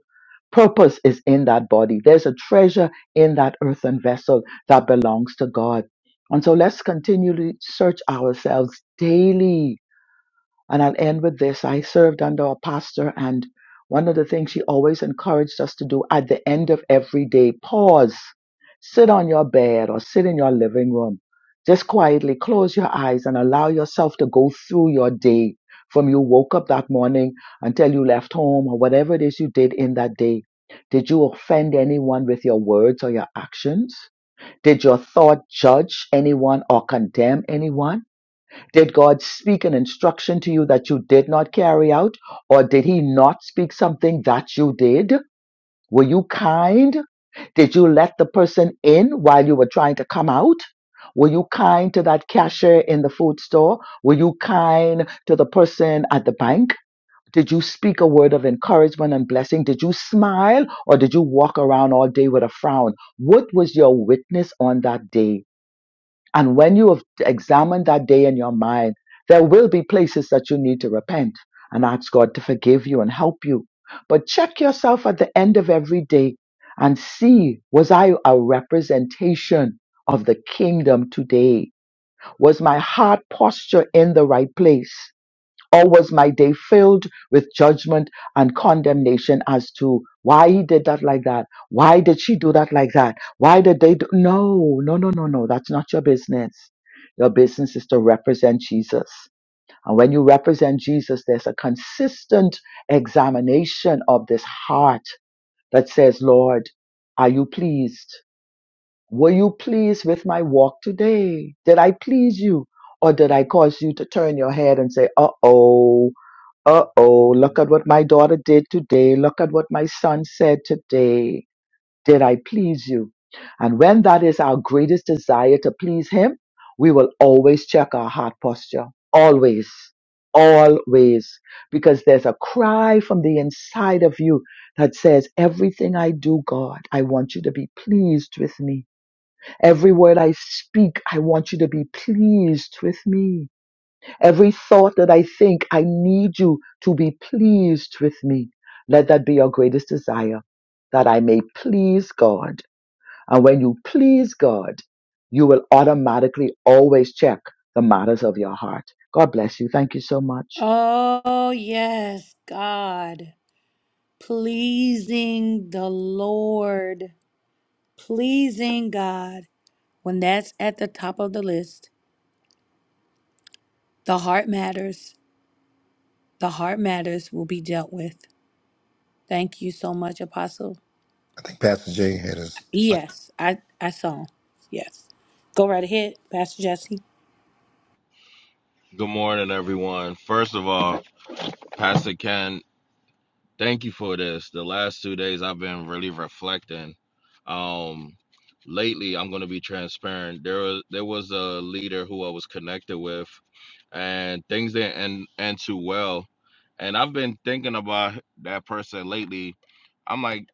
Purpose is in that body. There's a treasure in that earthen vessel that belongs to God. And so let's continually search ourselves daily and I'll end with this. I served under a pastor, and one of the things she always encouraged us to do at the end of every day pause, sit on your bed or sit in your living room. Just quietly close your eyes and allow yourself to go through your day from you woke up that morning until you left home or whatever it is you did in that day. Did you offend anyone with your words or your actions? Did your thought judge anyone or condemn anyone? Did God speak an instruction to you that you did not carry out? Or did He not speak something that you did? Were you kind? Did you let the person in while you were trying to come out? Were you kind to that cashier in the food store? Were you kind to the person at the bank? Did you speak a word of encouragement and blessing? Did you smile or did you walk around all day with a frown? What was your witness on that day? And when you have examined that day in your mind, there will be places that you need to repent and ask God to forgive you and help you. But check yourself at the end of every day and see was I a representation of the kingdom today? Was my heart posture in the right place? or was my day filled with judgment and condemnation as to why he did that like that? Why did she do that like that? Why did they do? No, no, no, no, no. That's not your business. Your business is to represent Jesus. And when you represent Jesus, there's a consistent examination of this heart that says, Lord, are you pleased? Were you pleased with my walk today? Did I please you? Or did I cause you to turn your head and say, uh oh, uh oh, look at what my daughter did today. Look at what my son said today. Did I please you? And when that is our greatest desire to please Him, we will always check our heart posture. Always. Always. Because there's a cry from the inside of you that says, Everything I do, God, I want you to be pleased with me. Every word I speak, I want you to be pleased with me. Every thought that I think, I need you to be pleased with me. Let that be your greatest desire, that I may please God. And when you please God, you will automatically always check the matters of your heart. God bless you. Thank you so much.
Oh, yes, God. Pleasing the Lord. Pleasing God. When that's at the top of the list, the heart matters. The heart matters will be dealt with. Thank you so much, Apostle.
I think Pastor Jay had us.
Yes, I, I saw. Yes. Go right ahead, Pastor Jesse.
Good morning, everyone. First of all, Pastor Ken, thank you for this. The last two days I've been really reflecting. Um, lately, I'm going to be transparent. There was there was a leader who I was connected with, and things didn't end, end too well. And I've been thinking about that person lately. I'm like,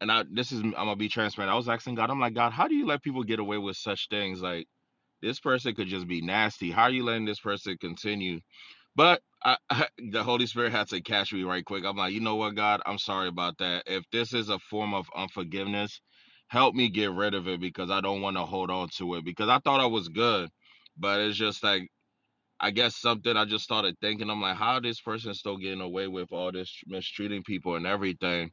and I this is I'm gonna be transparent. I was asking God, I'm like, God, how do you let people get away with such things? Like this person could just be nasty. How are you letting this person continue? But I, I, the Holy Spirit had to catch me right quick. I'm like, you know what, God, I'm sorry about that. If this is a form of unforgiveness, help me get rid of it because I don't want to hold on to it because I thought I was good, but it's just like I guess something I just started thinking. I'm like, how this person still getting away with all this mistreating people and everything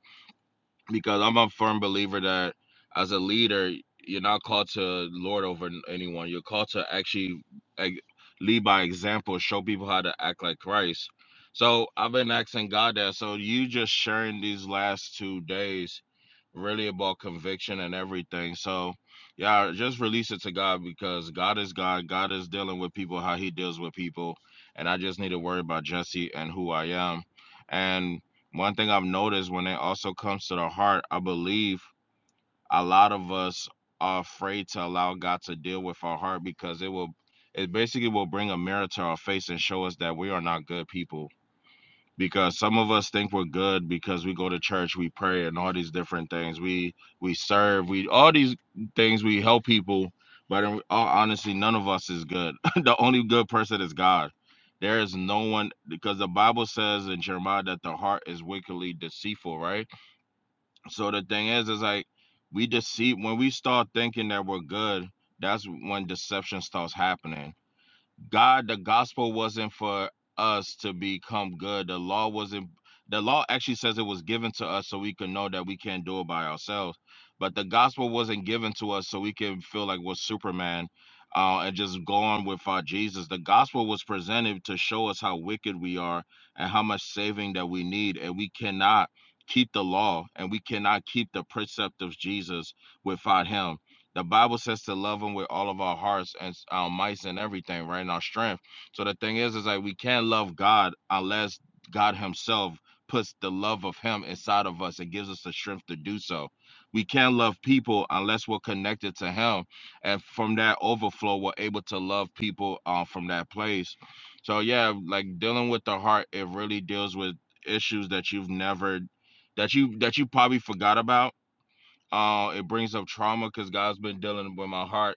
because I'm a firm believer that as a leader, you're not called to lord over n- anyone. You're called to actually like, lead by example, show people how to act like Christ. So I've been asking God that. So you just sharing these last two days really about conviction and everything. So yeah, just release it to God because God is God. God is dealing with people how he deals with people. And I just need to worry about Jesse and who I am. And one thing I've noticed when it also comes to the heart, I believe a lot of us are afraid to allow God to deal with our heart because it will, it basically will bring a mirror to our face and show us that we are not good people because some of us think we're good because we go to church, we pray, and all these different things. We we serve, we all these things. We help people, but in all honesty, none of us is good. the only good person is God. There is no one because the Bible says in Jeremiah that the heart is wickedly deceitful, right? So the thing is, is like we deceive when we start thinking that we're good. That's when deception starts happening God, the gospel wasn't for us to become good. The law wasn't, the law actually says it was given to us so we can know that we can't do it by ourselves. But the gospel wasn't given to us so we can feel like we're Superman uh, and just go on with our Jesus. The gospel was presented to show us how wicked we are and how much saving that we need. And we cannot keep the law and we cannot keep the precept of Jesus without Him the Bible says to love him with all of our hearts and s- our mice and everything, right? And our strength. So the thing is, is like we can't love God unless God Himself puts the love of Him inside of us and gives us the strength to do so. We can't love people unless we're connected to Him. And from that overflow, we're able to love people uh, from that place. So, yeah, like dealing with the heart, it really deals with issues that you've never, that you, that you probably forgot about uh, it brings up trauma because God's been dealing with my heart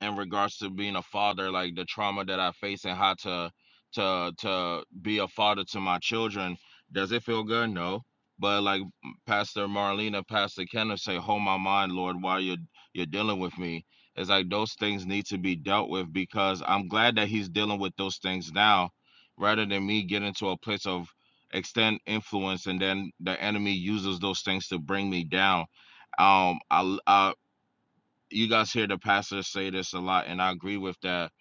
in regards to being a father, like the trauma that I face and how to to to be a father to my children. Does it feel good? No. But like Pastor Marlena, Pastor Kenneth say, hold my mind, Lord, while you're you're dealing with me. It's like those things need to be dealt with because I'm glad that he's dealing with those things now, rather than me getting to a place of extend influence and then the enemy uses those things to bring me down um I, I you guys hear the pastor say this a lot, and I agree with that.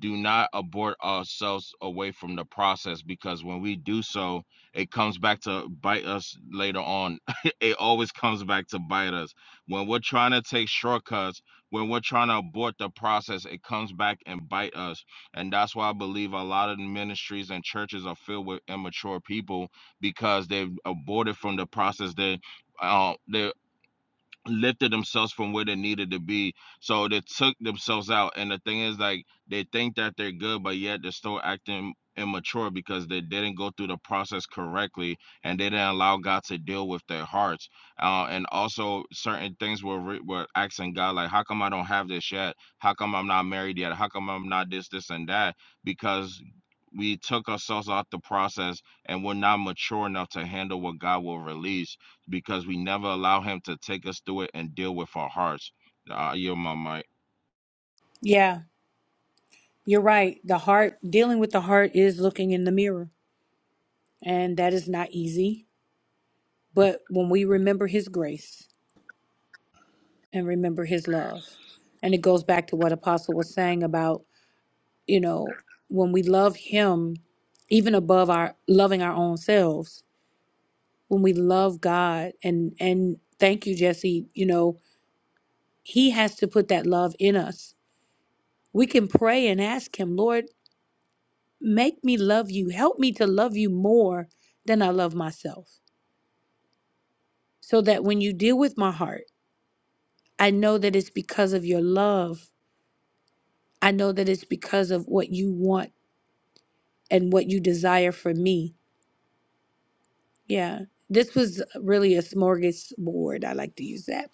Do not abort ourselves away from the process because when we do so, it comes back to bite us later on. it always comes back to bite us. When we're trying to take shortcuts, when we're trying to abort the process, it comes back and bite us. And that's why I believe a lot of the ministries and churches are filled with immature people because they've aborted from the process. They uh, they lifted themselves from where they needed to be. So they took themselves out. And the thing is, like, they think that they're good, but yet they're still acting immature because they didn't go through the process correctly and they didn't allow God to deal with their hearts. Uh, and also, certain things were, re- were asking God, like, how come I don't have this yet? How come I'm not married yet? How come I'm not this, this, and that? Because we took ourselves out the process and we're not mature enough to handle what God will release because we never allow him to take us through it and deal with our hearts. Uh, I yield my mic.
Yeah, you're right. The heart, dealing with the heart is looking in the mirror, and that is not easy. But when we remember His grace and remember His love, and it goes back to what Apostle was saying about, you know, when we love Him, even above our loving our own selves, when we love God and and thank you Jesse, you know, he has to put that love in us. We can pray and ask him, Lord, make me love you. Help me to love you more than I love myself. So that when you deal with my heart, I know that it's because of your love. I know that it's because of what you want and what you desire for me. Yeah. This was really a smorgasbord. I like to use that.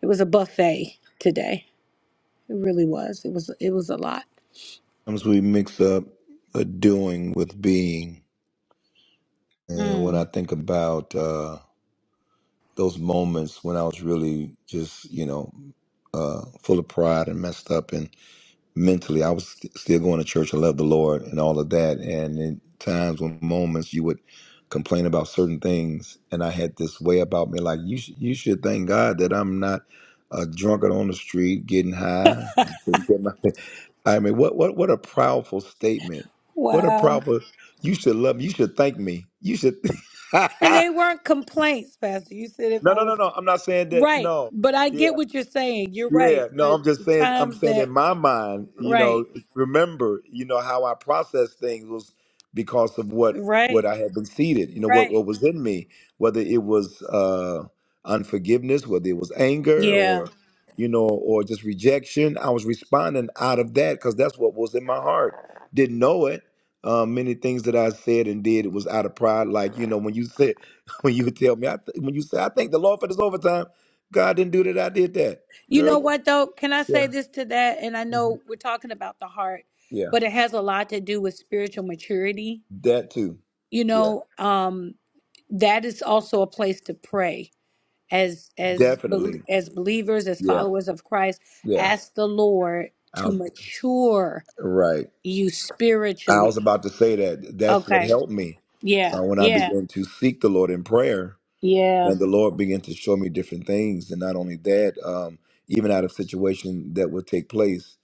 It was a buffet today. It really was. It was it was a lot.
Sometimes we mix up uh, doing with being. And when I
Mm.
think about uh, those moments when I was really just, you know, uh, full of pride and messed up and. mentally. I was st- still going to church. I loved the Lord and all of that. And in times when moments you would complain about certain things, and I had this way about me, like you, sh- you should thank God that I'm not a drunkard on the street getting high. I'm taking care of my- I mean, what, what, what a proudful statement. What a
Wow.
proudful. You should love me. You should thank me. You should. no,
And they weren't complaints, Pastor. You said if I
no, no,
was
no. I'm not saying that.
right,
No.
but I
Yeah.
get what you're saying. You're right.
Yeah, no,
The,
I'm just
the
saying. I'm
times
saying
that,
in my mind, you
right,
know, remember, you know, how I processed things was because of what
right,
what I had been seeded. You know, what
right.
what was in me, whether it was uh, unforgiveness, whether it was anger,
Yeah.
or you know, or just rejection. I was responding out of that because that's what was in my heart. Didn't know it. Um, many things that I said and did it was out of pride. Like you know, when you said, when you tell me, I th- when you say, I thank the Lord for this overtime. God didn't do that. I did that
You
Girl,
know
what-
what, though? Can I
yeah,
say this to that? And I
hmm
know we're talking about the heart,
yeah,
but it has a lot to do with spiritual maturity.
that too.
You
Yeah,
know, um, that is also a place to pray as as bel-
definitely.
as believers as
Yeah,
followers of Christ
yeah.
ask the Lord
I
to
was
mature
right.
you
I was
spiritually.
about to say that. That's what
Okay.
helped me
Yeah.
uh, when I
Yeah.
began to seek the Lord in prayer,
Yeah.
and the Lord began to show me different things. And not only that, um, even out of situation that would take place.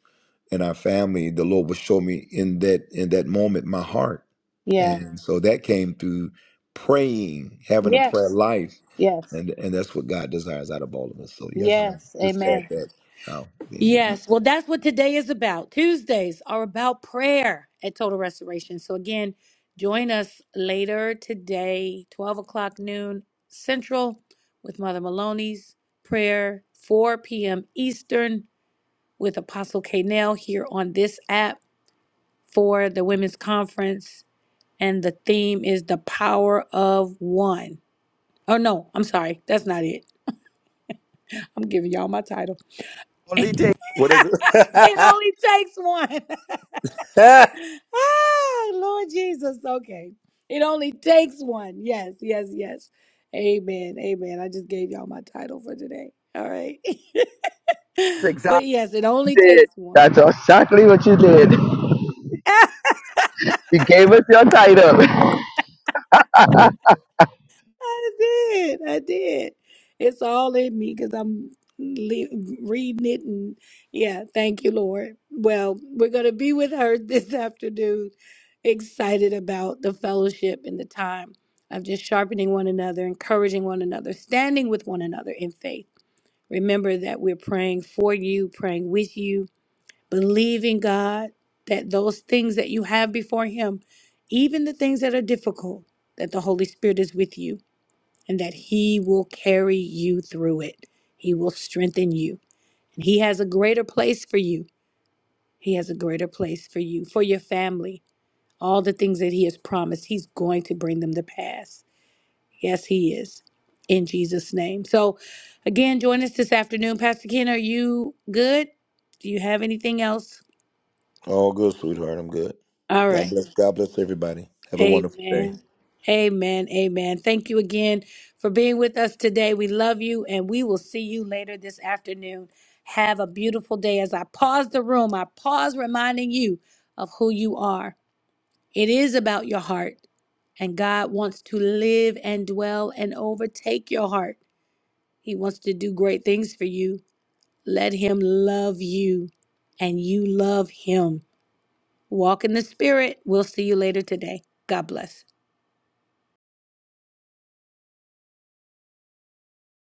and our family, the Lord would show me in that in that moment my heart.
Yeah.
And Mhm. so that came through praying, having a prayer
Yes.
life.
Yes.
And and that's what God desires out of all of us. So yes, just,
Yes.
just
Amen.
add that how the enemy comes.
Yes. Well, that's what today is about. Tuesdays are about prayer at Total Restoration. So, again, join us later today, 12 o'clock noon Central, with Mother Maloney's prayer, 4 p.m. Eastern, with Apostle K. here on this app for the Women's Conference and the theme is the power of one. Oh no, I'm sorry. That's not it. I'm giving y'all my title.
Only
it
takes
What is it?
only takes one. ah, Lord Jesus. Okay. It only takes one. Yes, yes, yes. Amen. Amen. I just gave y'all my title for today. All right.
exactly.
but yes, it only
Did.
takes one.
That's exactly what you did. You gave us your title.
I did. I did. It's all in me because I'm le- reading it. And yeah, thank you, Lord. Well, we're going to be with her this afternoon. Excited about the fellowship and the time of just sharpening one another, encouraging one another, standing with one another in faith. Remember that we're praying for you, praying with you, believing God that those things that you have before Him, even the things that are difficult, that the Holy Spirit is with you and that He will carry you through it. He will strengthen you. And He has a greater place for you. He has a greater place for you, for your family. All the things that He has promised, He's going to bring them to pass. Yes, He is. In Jesus' name. So, again, join us this afternoon. Pastor Ken, are you good? Do you have anything else?
All good, sweetheart. I'm good.
All
God
right.
bless God bless everybody. Have a wonderful day.
Amen. Amen. Amen. Thank you again for being with us today. We love you and we will see you later this afternoon. Have a beautiful day. As I pause the room, I pause reminding you of who you are. It is about your heart, and God wants to live and dwell and overtake your heart. He wants to do great things for you. Let Him love you and you love Him. Walk in the Spirit. We'll see you later today. God bless.